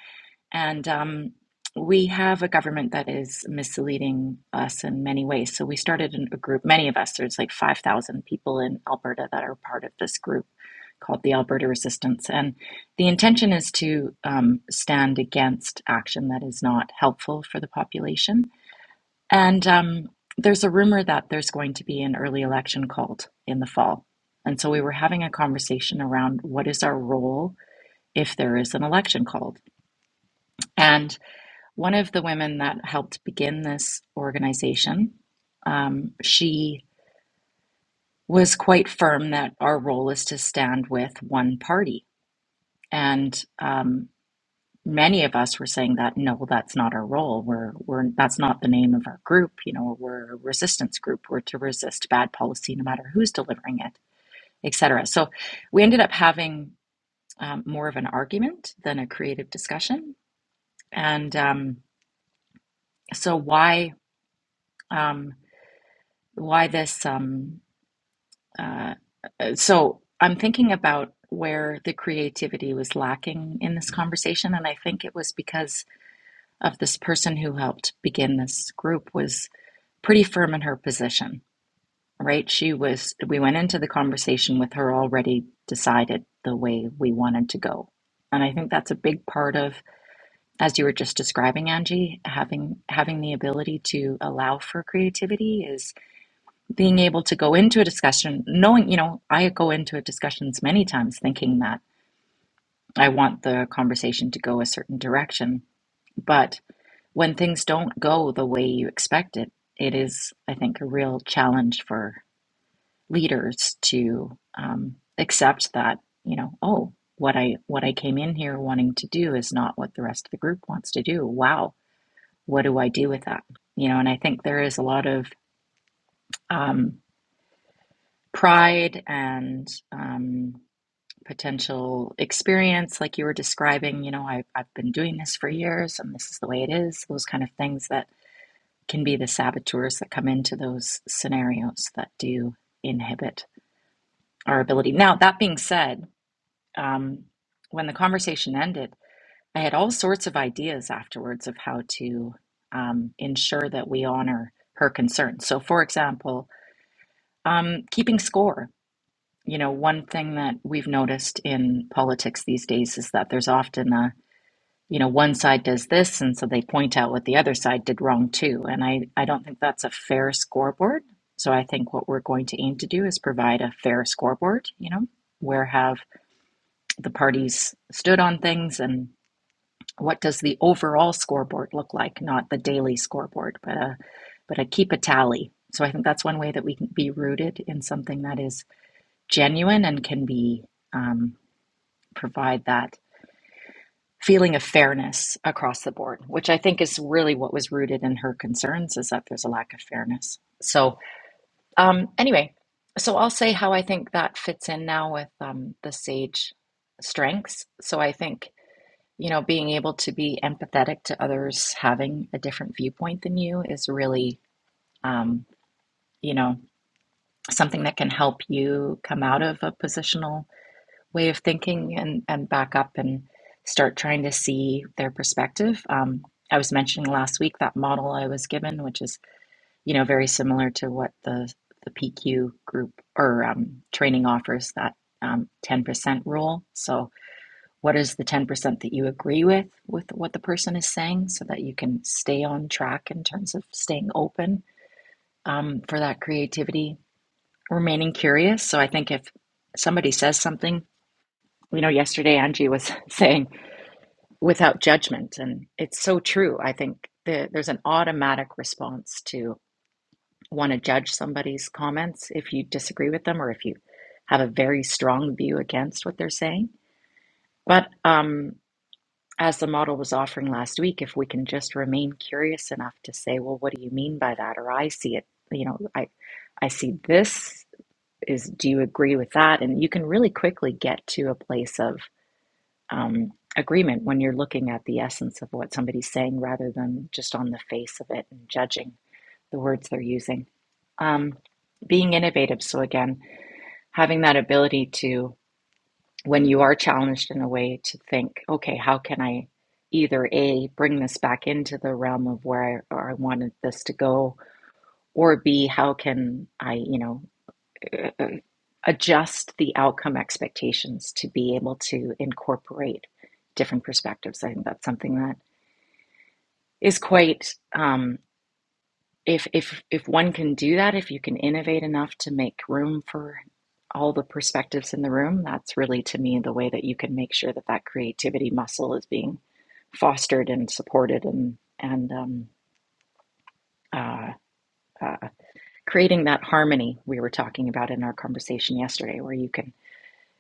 Speaker 8: And um, we have a government that is misleading us in many ways. So we started a group, many of us, there's like 5,000 people in Alberta that are part of this group called the Alberta Resistance. And the intention is to um, stand against action that is not helpful for the population. And um, there's a rumor that there's going to be an early election called in the fall. And so we were having a conversation around what is our role if there is an election called. And one of the women that helped begin this organization, um, she was quite firm that our role is to stand with one party. And um, many of us were saying that no, well, that's not our role. We're, we're that's not the name of our group. You know, we're a resistance group. We're to resist bad policy, no matter who's delivering it, etc. So we ended up having um, more of an argument than a creative discussion. And um, so why? Um, why this um uh so I'm thinking about where the creativity was lacking in this conversation and I think it was because of this person who helped begin this group was pretty firm in her position, right? She was we went into the conversation with her already decided the way we wanted to go. And I think that's a big part of, as you were just describing, Angie, having having the ability to allow for creativity is. being able to go into a discussion, knowing, you know, I go into a discussions many times thinking that I want the conversation to go a certain direction. But when things don't go the way you expect it, it is, I think, a real challenge for leaders to um, accept that, you know, oh, what I what I came in here wanting to do is not what the rest of the group wants to do. Wow, what do I do with that? You know, and I think there is a lot of um, pride and um, potential experience like you were describing you know I, i've been doing this for years and this is the way it is those kind of things that can be the saboteurs that come into those scenarios that do inhibit our ability now that being said um, when the conversation ended i had all sorts of ideas afterwards of how to um, ensure that we honor her concerns so for example um, keeping score you know one thing that we've noticed in politics these days is that there's often a you know, one side does this, and so they point out what the other side did wrong too. And I, I don't think that's a fair scoreboard. So I think what we're going to aim to do is provide a fair scoreboard, you know, where have the parties stood on things and what does the overall scoreboard look like, not the daily scoreboard, but a but a keep a tally. So I think that's one way that we can be rooted in something that is genuine and can be um, provide that feeling of fairness across the board, which I think is really what was rooted in her concerns is that there's a lack of fairness. So, um, anyway, so I'll say how I think that fits in now with um, the sage strengths. So I think, you know, being able to be empathetic to others having a different viewpoint than you is really, um, you know, something that can help you come out of a positional way of thinking and, and back up and start trying to see their perspective. Um, I was mentioning last week that model I was given, which is you know very similar to what the the PQ group or um, training offers that um, 10% rule. So what is the 10% that you agree with with what the person is saying so that you can stay on track in terms of staying open um, for that creativity remaining curious so i think if somebody says something you know yesterday angie was saying without judgment and it's so true i think the, there's an automatic response to want to judge somebody's comments if you disagree with them or if you have a very strong view against what they're saying but um, as the model was offering last week if we can just remain curious enough to say well what do you mean by that or i see it you know i i see this is do you agree with that and you can really quickly get to a place of um, agreement when you're looking at the essence of what somebody's saying rather than just on the face of it and judging the words they're using. Um, being innovative. So, again, having that ability to, when you are challenged in a way, to think, okay, how can I either A, bring this back into the realm of where I, or I wanted this to go, or B, how can I, you know, adjust the outcome expectations to be able to incorporate different perspectives. I think that's something that is quite um, if if if one can do that, if you can innovate enough to make room for all the perspectives in the room, that's really to me the way that you can make sure that that creativity muscle is being fostered and supported and and um, uh, uh, creating that harmony we were talking about in our conversation yesterday, where you can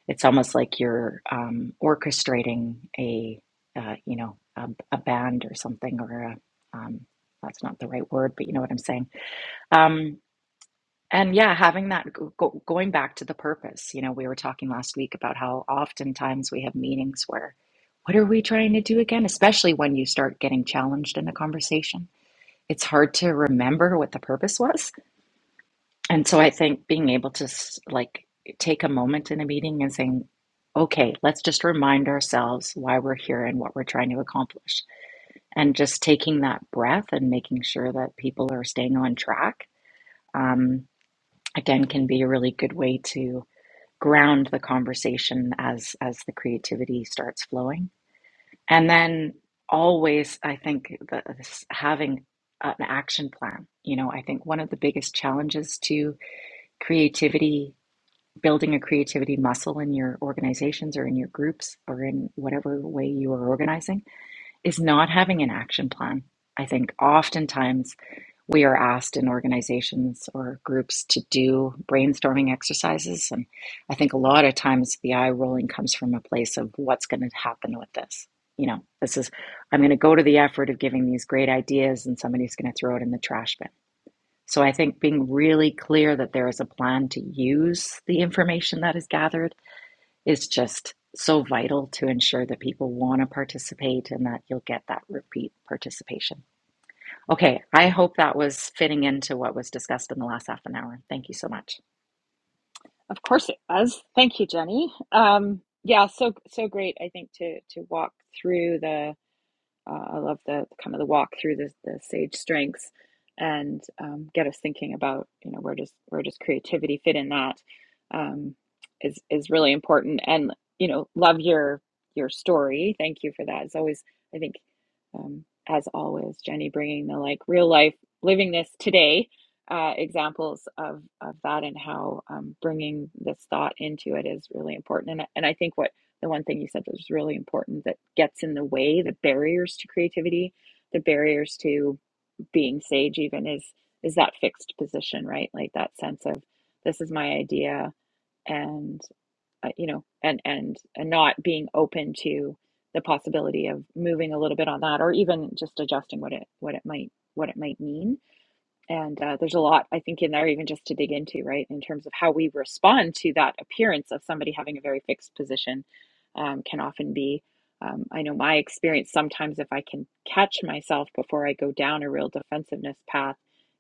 Speaker 8: It's almost like you're um, orchestrating a, uh, you know, a, a band or something, or a, um, that's not the right word, but you know what I'm saying. Um, and yeah, having that go, go, going back to the purpose. You know, we were talking last week about how oftentimes we have meetings where, what are we trying to do again? Especially when you start getting challenged in a conversation, it's hard to remember what the purpose was and so I think being able to s- like take a moment in a meeting and saying, okay, let's just remind ourselves why we're here and what we're trying to accomplish. And just taking that breath and making sure that people are staying on track, um, again, can be a really good way to ground the conversation as as the creativity starts flowing. And then always, I think that this- having an action plan. You know, I think one of the biggest challenges to creativity building a creativity muscle in your organizations or in your groups or in whatever way you are organizing is not having an action plan. I think oftentimes we are asked in organizations or groups to do brainstorming exercises. And I think a lot of times the eye rolling comes from a place of what's going to happen with this. You know, this is, I'm going to go to the effort of giving these great ideas and somebody's going to throw it in the trash bin so I think being really clear that there is a plan to use the information that is gathered is just so vital to ensure that people want to participate and that you'll get that repeat participation. Okay, I hope that was fitting into what was discussed in the last half an hour. Thank you so much.
Speaker 1: Of course it does. Thank you, Jenny. Um, yeah, so so great. I think to to walk through the Uh, I love the kind of the walk through the, the sage strengths and um, get us thinking about you know where does where does creativity fit in that um, is is really important and you know love your your story. Thank you for that. It's always I think um, as always Jenny bringing the like real life living this today uh, examples of of that and how um, bringing this thought into it is really important and and I think what the one thing you said that was really important that gets in the way the barriers to creativity the barriers to being sage even is is that fixed position right like that sense of this is my idea and uh, you know and and and not being open to the possibility of moving a little bit on that or even just adjusting what it what it might what it might mean and uh, there's a lot, I think, in there, even just to dig into, right, in terms of how we respond to that appearance of somebody having a very fixed position um, can often be. Um, I know my experience sometimes, if I can catch myself before I go down a real defensiveness path,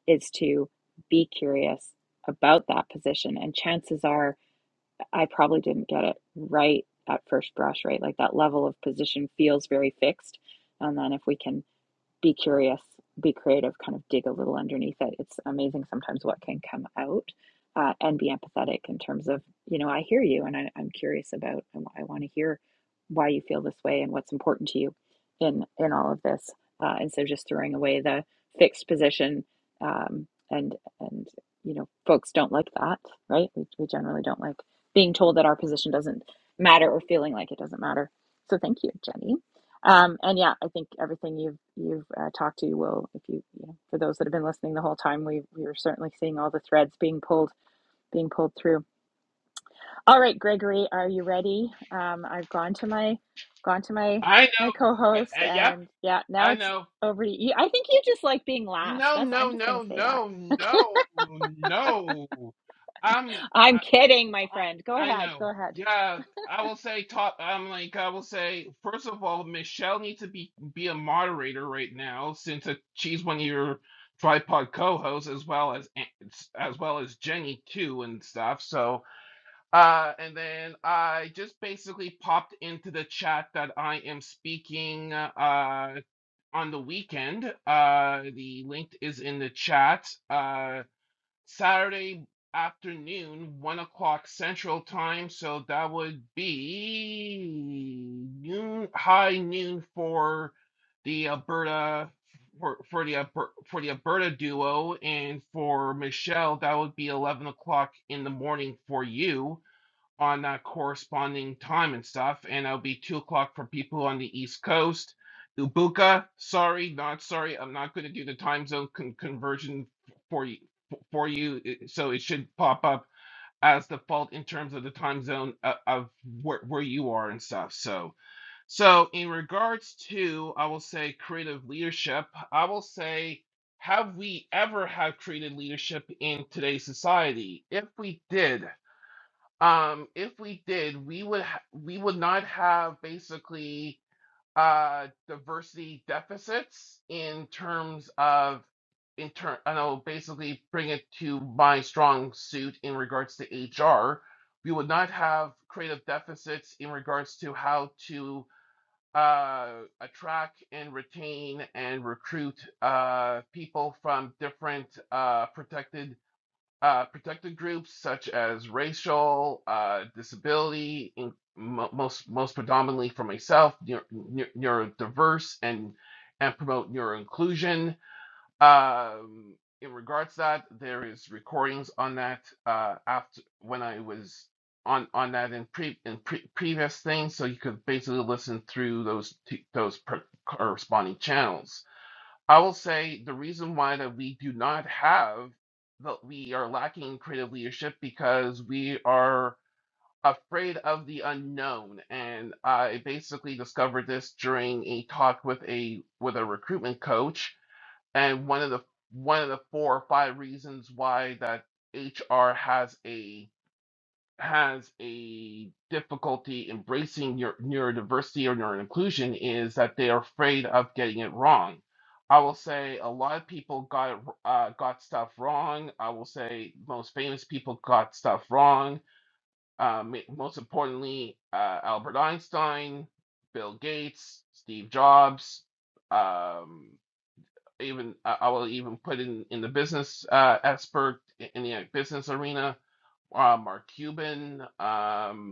Speaker 1: is to be curious about that position. And chances are I probably didn't get it right at first brush, right? Like that level of position feels very fixed. And then if we can be curious, be creative, kind of dig a little underneath it. It's amazing sometimes what can come out uh, and be empathetic in terms of, you know, I hear you and I, I'm curious about, I, want to hear why you feel this way and what's important to you in, in all of this. Uh, and so just throwing away the fixed position um, and, and, you know, folks don't like that, right? We, we generally don't like being told that our position doesn't matter or feeling like it doesn't matter. So thank you, Jenny. Um, and yeah, I think everything you've you've uh, talked to will, if you, you know, for those that have been listening the whole time, we we were certainly seeing all the threads being pulled being pulled through. All right, Gregory, are you ready? Um, I've gone to my gone to my
Speaker 5: I know.
Speaker 1: my
Speaker 5: I,
Speaker 1: co-host,
Speaker 5: I, yep.
Speaker 1: and yeah, now
Speaker 5: I
Speaker 1: it's
Speaker 5: know.
Speaker 1: over to you. I think you just like being last.
Speaker 5: No,
Speaker 1: That's
Speaker 5: no,
Speaker 1: I'm just gonna
Speaker 5: no,
Speaker 1: say
Speaker 5: no,
Speaker 1: that.
Speaker 5: no, no. I'm.
Speaker 1: I'm
Speaker 5: I,
Speaker 1: kidding, my friend. Go
Speaker 5: I
Speaker 1: ahead,
Speaker 5: know.
Speaker 1: go ahead.
Speaker 5: Yeah, I will say top. I'm like I will say first of all, Michelle needs to be be a moderator right now since uh she's one of your tripod co-hosts as well as as well as Jenny too and stuff. So uh, and then I just basically popped into the chat that I am speaking uh on the weekend. Uh, the link is in the chat. Uh Saturday afternoon, one o'clock Central Time, so that would be noon, high noon for the Alberta for, for the for the Alberta duo, and for Michelle, that would be eleven o'clock in the morning for you on uh, corresponding time and stuff, and it'll be two o'clock for people on the East Coast. Ubuka, sorry, not sorry. I'm not going to do the time zone con- conversion for you. For you, i- so it should pop up as default in terms of the time zone of, of where, where you are and stuff. So, so in regards to, I will say creative leadership. I will say, have we ever had creative leadership in today's society? If we did, um, if we did, we would ha we would not have basically uh diversity deficits in terms of in turn I know basically bring it to my strong suit in regards to HR. We would not have creative deficits in regards to how to uh attract and retain and recruit uh people from different uh protected uh, protected groups such as racial, uh, disability, in, mo- most most predominantly for myself, neuro, neurodiverse, and and promote neuro inclusion. Um, in regards to that, there is recordings on that uh, after when I was on on that in pre in pre, previous things, so you could basically listen through those t- those per, corresponding channels I will say the reason why that we do not have that we are lacking in creative leadership because we are afraid of the unknown. And I basically discovered this during a talk with a with a recruitment coach. And one of the one of the four or five reasons why that HR has a has a difficulty embracing your neurodiversity or neuroinclusion is that they are afraid of getting it wrong. I will say a lot of people got uh, got stuff wrong. I will say most famous people got stuff wrong. Um, most importantly, uh, Albert Einstein, Bill Gates, Steve Jobs. Um, even I I will even put in in the business uh, expert in the business arena uh, Mark Cuban. Um,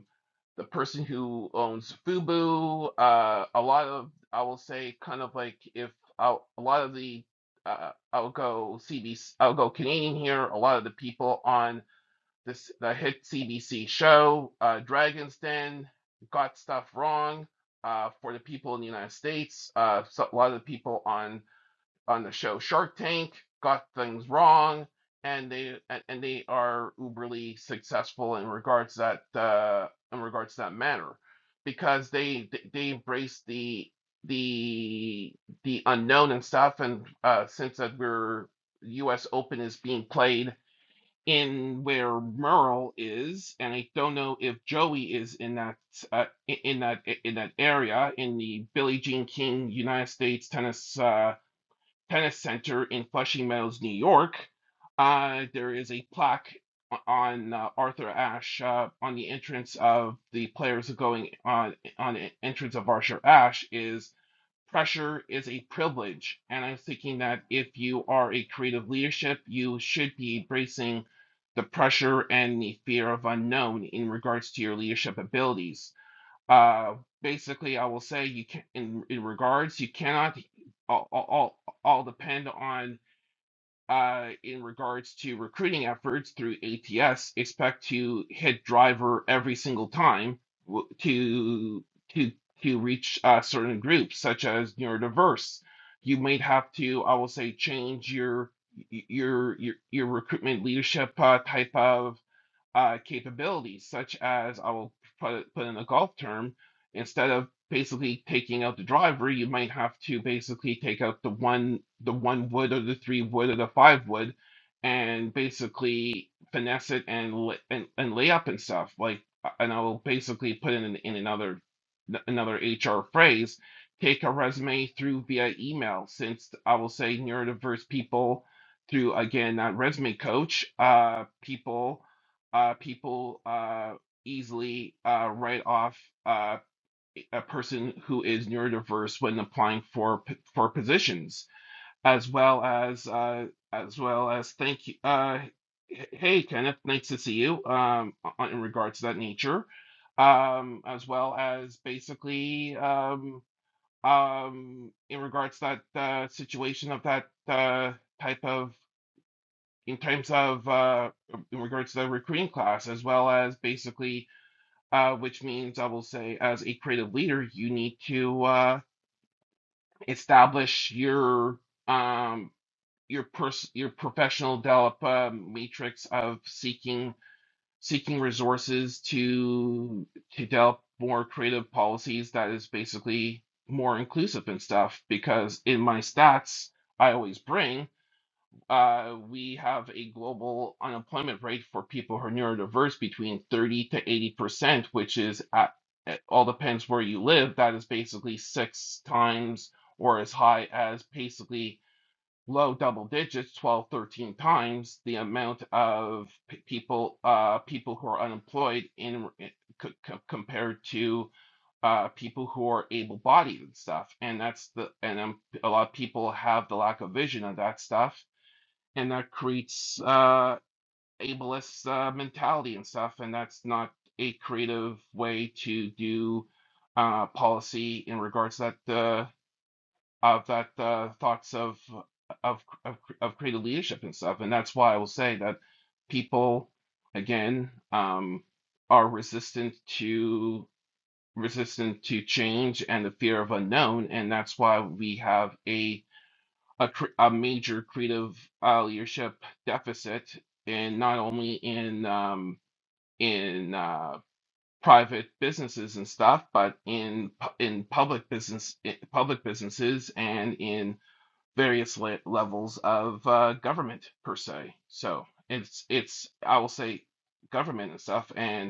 Speaker 5: the person who owns Fubu, uh, a lot of I will say kind of like if I'll, a lot of the uh, I'll go CBC, I'll go Canadian here. A lot of the people on this the hit CBC show, uh, Dragon's Den, got stuff wrong. Uh, for the people in the United States, uh, so a lot of the people on on the show Shark Tank got things wrong, and they and, they are uberly successful in regards to that uh, in regards to that matter, because they they embrace the the the unknown and stuff, and uh, since that we're U.S. Open is being played in where Merle is, and I don't know if Joey is in that uh, in that in that area in the Billie Jean King United States Tennis. Uh, Tennis Center in Flushing Meadows, New York. Uh, there is a plaque on uh, Arthur Ashe uh, on the entrance of the players going on on the entrance of Arthur Ashe is pressure is a privilege, and I'm thinking that if you are a creative leadership, you should be embracing the pressure and the fear of unknown in regards to your leadership abilities uh, basically, I will say you can in, in regards you cannot all all all depend on uh in regards to recruiting efforts through ATS expect to hit driver every single time w- to to to reach uh, certain groups such as neurodiverse. You might have to I will say change your your your your recruitment leadership uh, type of uh, capabilities, such as I will put put in a golf term. Instead of basically taking out the driver, you might have to basically take out the one the one wood or the three wood or the five wood, and basically finesse it and and, and lay up and stuff like. And I will basically put in, in another another HR phrase. Take a resume through via email, since I will say neurodiverse people through again that resume coach uh people uh, people uh, easily uh, write off uh, a person who is neurodiverse when applying for for positions, as well as uh, as well as thank you. Uh, hey, Kenneth, nice to see you. Um, in regards to that nature, um, as well as basically um, um, in regards to that uh, situation of that uh, type of in terms of uh, in regards to the recruiting class, as well as basically uh, which means I will say, as a creative leader, you need to uh, establish your um, your pers- your professional develop uh, matrix of seeking seeking resources to to develop more creative policies that is basically more inclusive and stuff. Because in my stats, I always bring uh, we have a global unemployment rate for people who are neurodiverse between 30 to 80 percent, which is at, it all depends where you live. That is basically six times or as high as basically low double digits, 12, 13 times the amount of p- people uh, people who are unemployed in, in c- c- compared to uh, people who are able-bodied and stuff. And that's the and um, a lot of people have the lack of vision of that stuff and that creates uh, ableist uh, mentality and stuff, and that's not a creative way to do uh, policy in regards to that uh, of that uh, thoughts of of of of creative leadership and stuff, and that's why I will say that people again um, are resistant to resistant to change and the fear of unknown, and that's why we have a a, cr- a major creative uh, leadership deficit, and not only in um, in uh, private businesses and stuff, but in pu- in public business i- public businesses and in various le- levels of uh, government per se. So it's it's I will say government and stuff, and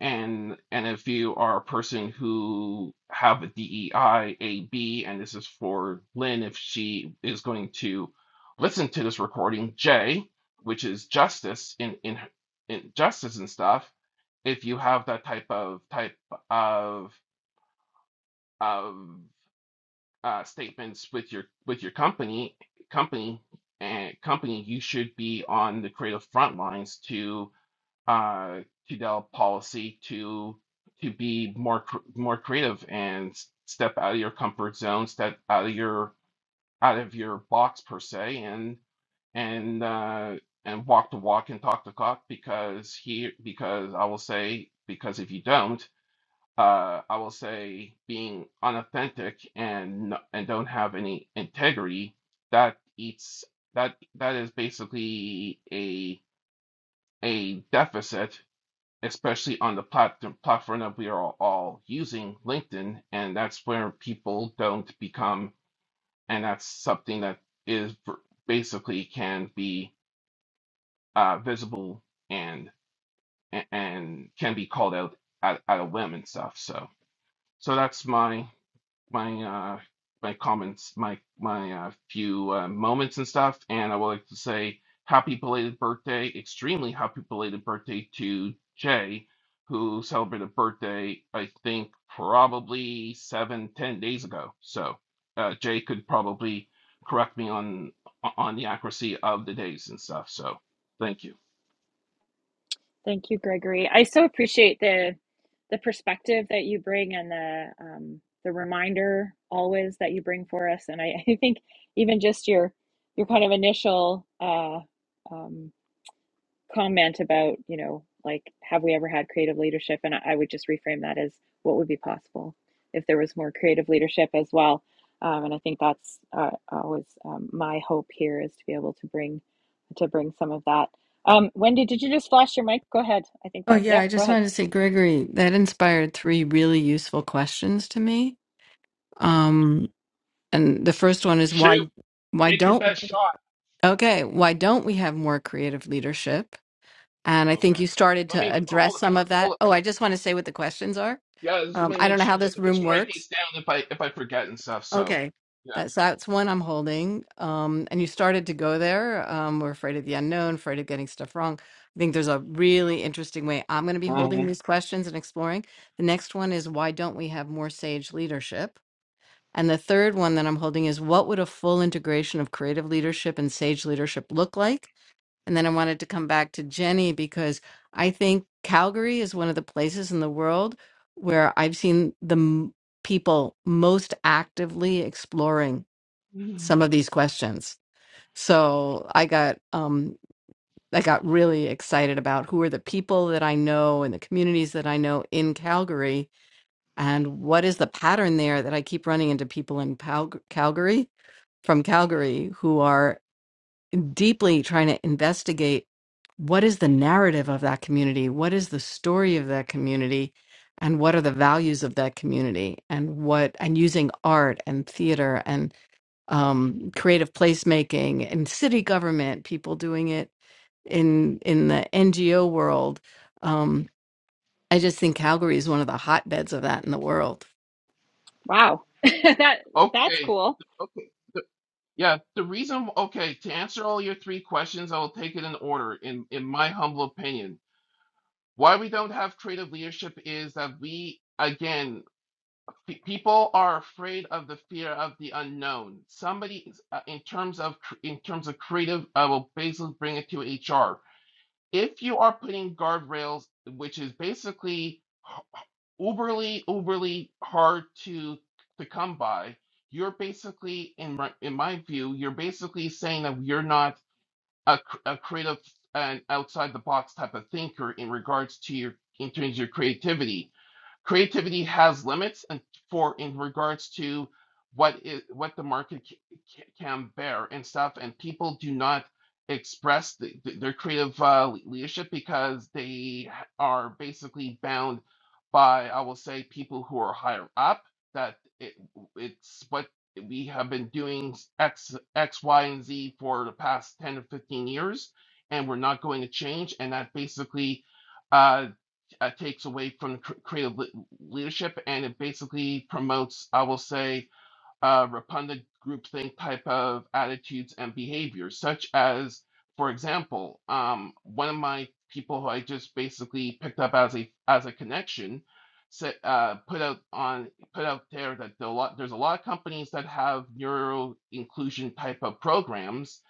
Speaker 5: and and if you are a person who have a DEI AB, and this is for Lynn, if she is going to listen to this recording, J, which is justice in in, in justice and stuff, if you have that type of type of of uh, statements with your with your company company and company, you should be on the creative front lines to uh, Tudel policy to to be more cr- more creative and s- step out of your comfort zone, step out of your out of your box per se, and and uh, and walk the walk and talk the talk because he because I will say because if you don't, uh, I will say being unauthentic and n- and don't have any integrity that eats that that is basically a a deficit especially on the platform platform that we are all all using, LinkedIn, and that's where people don't become, and that's something that is basically can be uh, visible and and can be called out at, at a whim and stuff. So so that's my my uh my comments, my my uh, few uh, moments and stuff, and I would like to say happy belated birthday, extremely happy belated birthday to Jay, who celebrated birthday I think probably seven ten days ago. So uh, Jay could probably correct me on on the accuracy of the days and stuff. So thank you.
Speaker 1: Thank you, Gregory. I so appreciate the the perspective that you bring and the um, the reminder always that you bring for us. And I, I think even just your your kind of initial uh, um, comment about, you know, like, have we ever had creative leadership? And I, would just reframe that as what would be possible if there was more creative leadership as well. Um, and I think that's uh, always um, my hope here is to be able to bring to bring some of that. Um, Wendy, did you just flash your mic? Go ahead. I think
Speaker 6: Oh,
Speaker 1: that.
Speaker 6: yeah.
Speaker 1: Yep.
Speaker 6: I
Speaker 1: Go
Speaker 6: just
Speaker 1: ahead.
Speaker 6: wanted to say, Gregory, that inspired three really useful questions to me. Um, and the first one is why,
Speaker 5: Shoot,
Speaker 6: why
Speaker 5: take your
Speaker 6: don't,
Speaker 5: best shot.
Speaker 6: okay, why don't we have more creative leadership? And I think
Speaker 5: Okay.
Speaker 6: you started
Speaker 5: Let
Speaker 6: to
Speaker 5: me oh,
Speaker 6: address
Speaker 5: hold it.
Speaker 6: some
Speaker 5: Hold
Speaker 6: of
Speaker 5: it.
Speaker 6: that. Oh, I just want to say what the questions are.
Speaker 5: Yeah, I just want
Speaker 6: Um,
Speaker 5: to
Speaker 6: I
Speaker 5: make
Speaker 6: don't know
Speaker 5: sure.
Speaker 6: how this
Speaker 5: I just
Speaker 6: room
Speaker 5: want to write
Speaker 6: works.
Speaker 5: these down if I if I forget and stuff. So
Speaker 6: Okay.
Speaker 5: yeah.
Speaker 6: That's that's one I'm holding. Um, and you started to go there. Um, we're afraid of the unknown, afraid of getting stuff wrong. I think there's a really interesting way I'm going to be holding these questions and exploring. The next one is why don't we have more sage leadership? And the third one that I'm holding is what would a full integration of creative leadership and sage leadership look like? And then I wanted to come back to Jenny because I think Calgary is one of the places in the world where I've seen the m- people most actively exploring
Speaker 5: hmm
Speaker 6: some of these questions. So I got um, I got really excited about who are the people that I know and the communities that I know in Calgary, and what is the pattern there that I keep running into people in Pal- Calgary from Calgary who are deeply trying to investigate what is the narrative of that community? What is the story of that community? And what are the values of that community? And what, and using art and theater and um, creative placemaking and city government, people doing it in in the NGO world. Um, I just think Calgary is one of the hotbeds of that in the world.
Speaker 1: Wow. that that's
Speaker 5: Okay.
Speaker 1: cool.
Speaker 5: Okay. The- Yeah. The reason. Okay. To answer all your three questions, I will take it in order. In in my humble opinion, why we don't have creative leadership is that we again pe- people are afraid of the fear of the unknown. Somebody uh, in terms of cr- in terms of creative, I will basically bring it to HR. If you are putting guardrails, which is basically uberly uberly hard to to come by you're basically in my in my view you're basically saying that you're not a, cr- a creative and outside the box type of thinker in regards to your in terms of your creativity creativity has limits and for in regards to what is what the market c- c- can bear and stuff and people do not express the, the- their creative uh, le- leadership because they h- are basically bound by i will say people who are higher up that it, it's what we have been doing s- x x y and z for the past 10 to 15 years and we're not going to change and that basically uh, uh, takes away from creative leadership and it basically promotes, I will say, uh, repugnant groupthink type of attitudes and behaviors, such as, for example, um, one of my people who I just basically picked up as a as a connection said uh, put out on put out there that the lot, there's a lot of companies that have neuro inclusion type of programs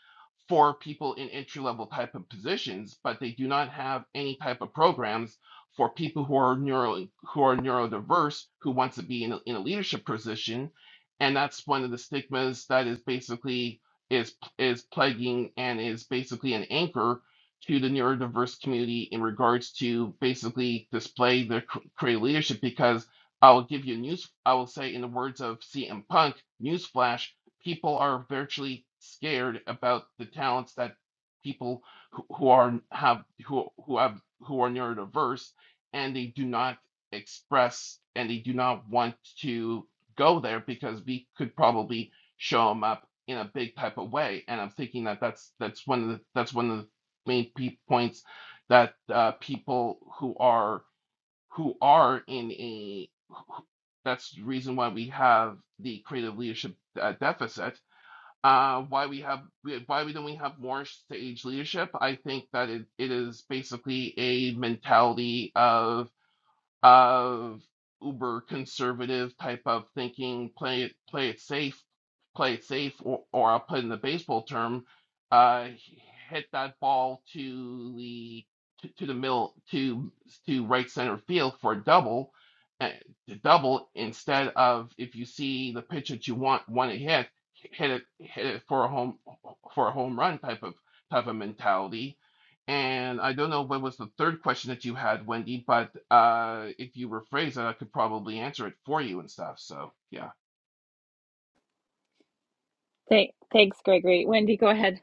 Speaker 5: for people in entry level type of positions, but they do not have any type of programs for people who are neuro who are neurodiverse who wants to be in a, in a leadership position and that's one of the stigmas that is basically is is plaguing and is basically an anchor to the neurodiverse community in regards to basically display their c- career leadership because I will give you news I will say in the words of CM Punk newsflash people are virtually scared about the talents that people who, who are have who who have who are neurodiverse and they do not express and they do not want to go there because we could probably show them up in a big type of way. And I'm thinking that that's that's one of the that's one of the main pe- points that uh, people who are who are in a that's the reason why we have the creative leadership uh, deficit. Uh, why we have why we don't we have more stage leadership? I think that it, it is basically a mentality of of uber conservative type of thinking, play it play it safe, play it safe, or, or I'll put in the baseball term, uh, hit that ball to the to, to the middle to to right center field for a double, uh, to double instead of if you see the pitch that you want want to hit, hit it hit it for a home for a home run type of type of mentality and I don't know what was the third question that you had, Wendy, but uh, if you rephrase it, I could probably answer it for you and stuff. So, yeah.
Speaker 1: Thank, thanks, Gregory. Wendy, go ahead.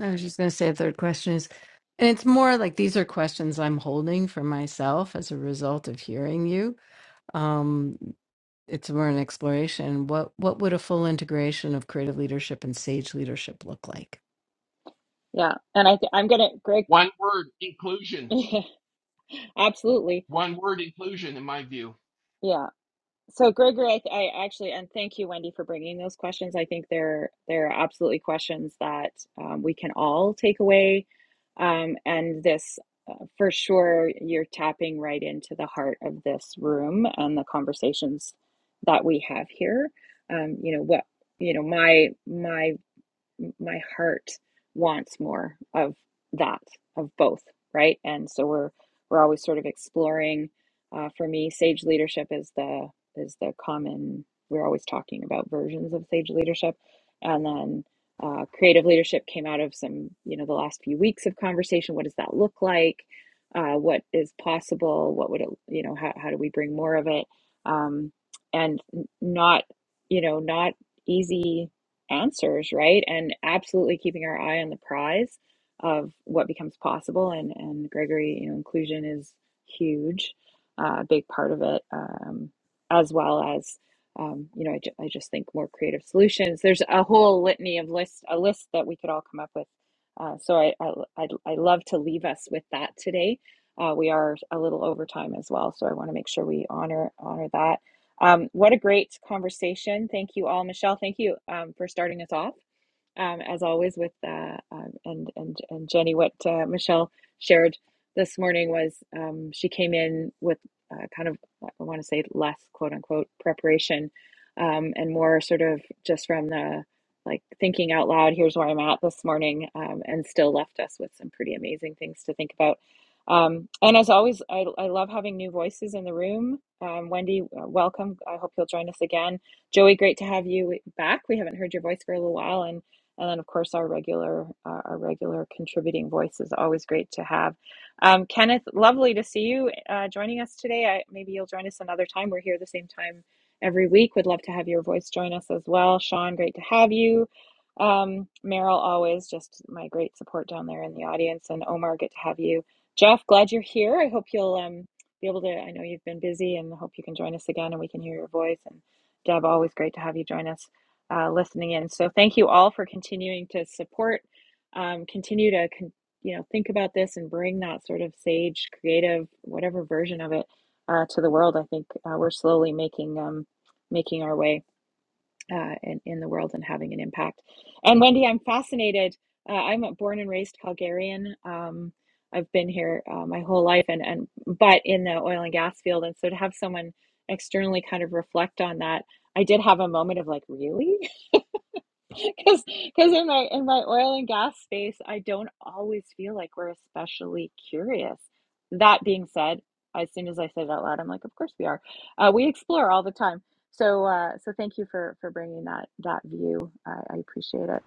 Speaker 6: I was just going to say a third question is, and it's more like these are questions I'm holding for myself as a result of hearing you um it's more an exploration what what would a full integration of creative leadership and sage leadership look like
Speaker 1: Yeah. And I th- I'm gonna Greg.
Speaker 5: One word, inclusion.
Speaker 1: Absolutely.
Speaker 5: One word, inclusion, in my view.
Speaker 1: Yeah. So, Gregory, I, th- I actually, and thank you, Wendy, for bringing those questions. I think they're they're absolutely questions that um, we can all take away. Um, and this, uh, for sure, you're tapping right into the heart of this room and the conversations that we have here. Um, you know what? You know my my my heart wants more of that of both right and so we're we're always sort of exploring uh, for me sage leadership is the is the common we're always talking about versions of sage leadership and then uh, creative leadership came out of some you know the last few weeks of conversation what does that look like uh, what is possible what would it you know how, how do we bring more of it um, and not you know not easy answers, right? And absolutely keeping our eye on the prize of what becomes possible. And and Gregory, you know, inclusion is huge, uh, a big part of it, um, as well as um, you know, I, ju- I just think more creative solutions. There's a whole litany of list a list that we could all come up with. Uh, so I, I I I love to leave us with that today. Uh, we are a little over time as well, so I want to make sure we honor honor that um, what a great conversation. Thank you all. Michelle, thank you um, for starting us off um, as always with uh, um, and and and Jenny. What uh, Michelle shared this morning was um, she came in with uh, kind of I want to say less quote unquote preparation um, and more sort of just from the like thinking out loud. Here's where I'm at this morning, um, and still left us with some pretty amazing things to think about. Um, and as always, I, I love having new voices in the room. Um, Wendy, uh, welcome. I hope you'll join us again. Joey, great to have you back. We haven't heard your voice for a little while, and and then of course our regular our our regular contributing voice is always great to have um, kenneth lovely to see you uh, joining us today I, maybe you'll join us another time we're here the same time every week would love to have your voice join us as well sean great to have you um, meryl always just my great support down there in the audience and omar good to have you jeff glad you're here i hope you'll um, be able to i know you've been busy and hope you can join us again and we can hear your voice and deb always great to have you join us uh, listening in. So thank you all for continuing to support. Um, continue to con- you know think about this and bring that sort of sage, creative, whatever version of it uh, to the world. I think uh, we're slowly making um, making our way uh, in in the world and having an impact. And Wendy, I'm fascinated. Uh, I'm a born and raised Calgarian. Um, I've been here uh, my whole life, and and but in the oil and gas field, and so to have someone externally kind of reflect on that I did have a moment of like, really? because because in my in my oil and gas space i don't always feel like we're especially curious that being said as soon as i say it out loud i'm like of course we are uh, we explore all the time so uh, so thank you for for bringing that that view i, I appreciate it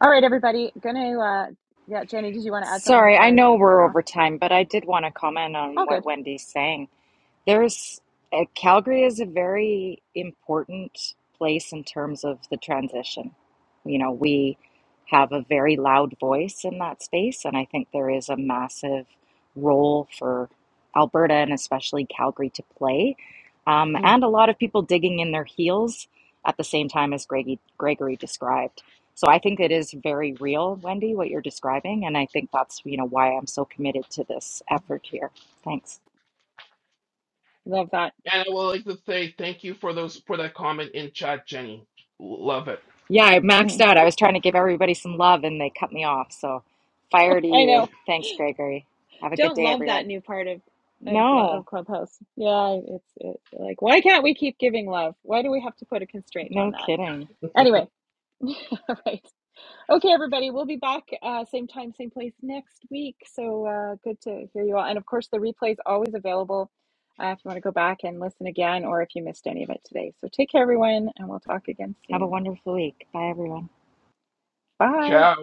Speaker 1: all right everybody gonna uh, yeah jenny did you want to add something
Speaker 8: Sorry, I
Speaker 1: before i
Speaker 8: know
Speaker 1: run
Speaker 8: we're
Speaker 1: off
Speaker 8: over time, but I did want to comment on
Speaker 1: all
Speaker 8: what
Speaker 1: good
Speaker 8: Wendy's saying. There's uh, Calgary is a very important place in terms of the transition. You know, we have a very loud voice in that space, and I think there is a massive role for Alberta and especially Calgary to play. Um,
Speaker 5: Mm.
Speaker 8: and a lot of people digging in their heels at the same time as Gregory, Gregory described. So I think it is very real, Wendy, what you're describing, and I think that's, you know, why I'm so committed to this effort here. Thanks.
Speaker 1: love that
Speaker 5: And I would like to say thank you for those for that comment in chat, Jenny. Love it.
Speaker 8: Yeah, I maxed
Speaker 1: Mm.
Speaker 8: out. I was trying to give everybody some love and they cut me off. So, fire to
Speaker 1: i know
Speaker 8: you. Thanks, Gregory. Have a good
Speaker 1: don't
Speaker 8: day,
Speaker 1: love
Speaker 8: everyone.
Speaker 1: that new part of of
Speaker 8: No,
Speaker 1: of Clubhouse. Yeah, it's it's like why can't we keep giving love? Why do we have to put a constraint on
Speaker 8: no
Speaker 1: that?
Speaker 8: kidding.
Speaker 1: Anyway, all right, okay, everybody, we'll be back uh, same time, same place next week. So uh, good to hear you all, and of course, the replay is always available uh, if you want to go back and listen again, or if you missed any of it today. So take care, everyone, and we'll talk again
Speaker 8: Have a
Speaker 1: soon.
Speaker 8: wonderful week. Bye, everyone.
Speaker 1: Bye.
Speaker 5: Ciao.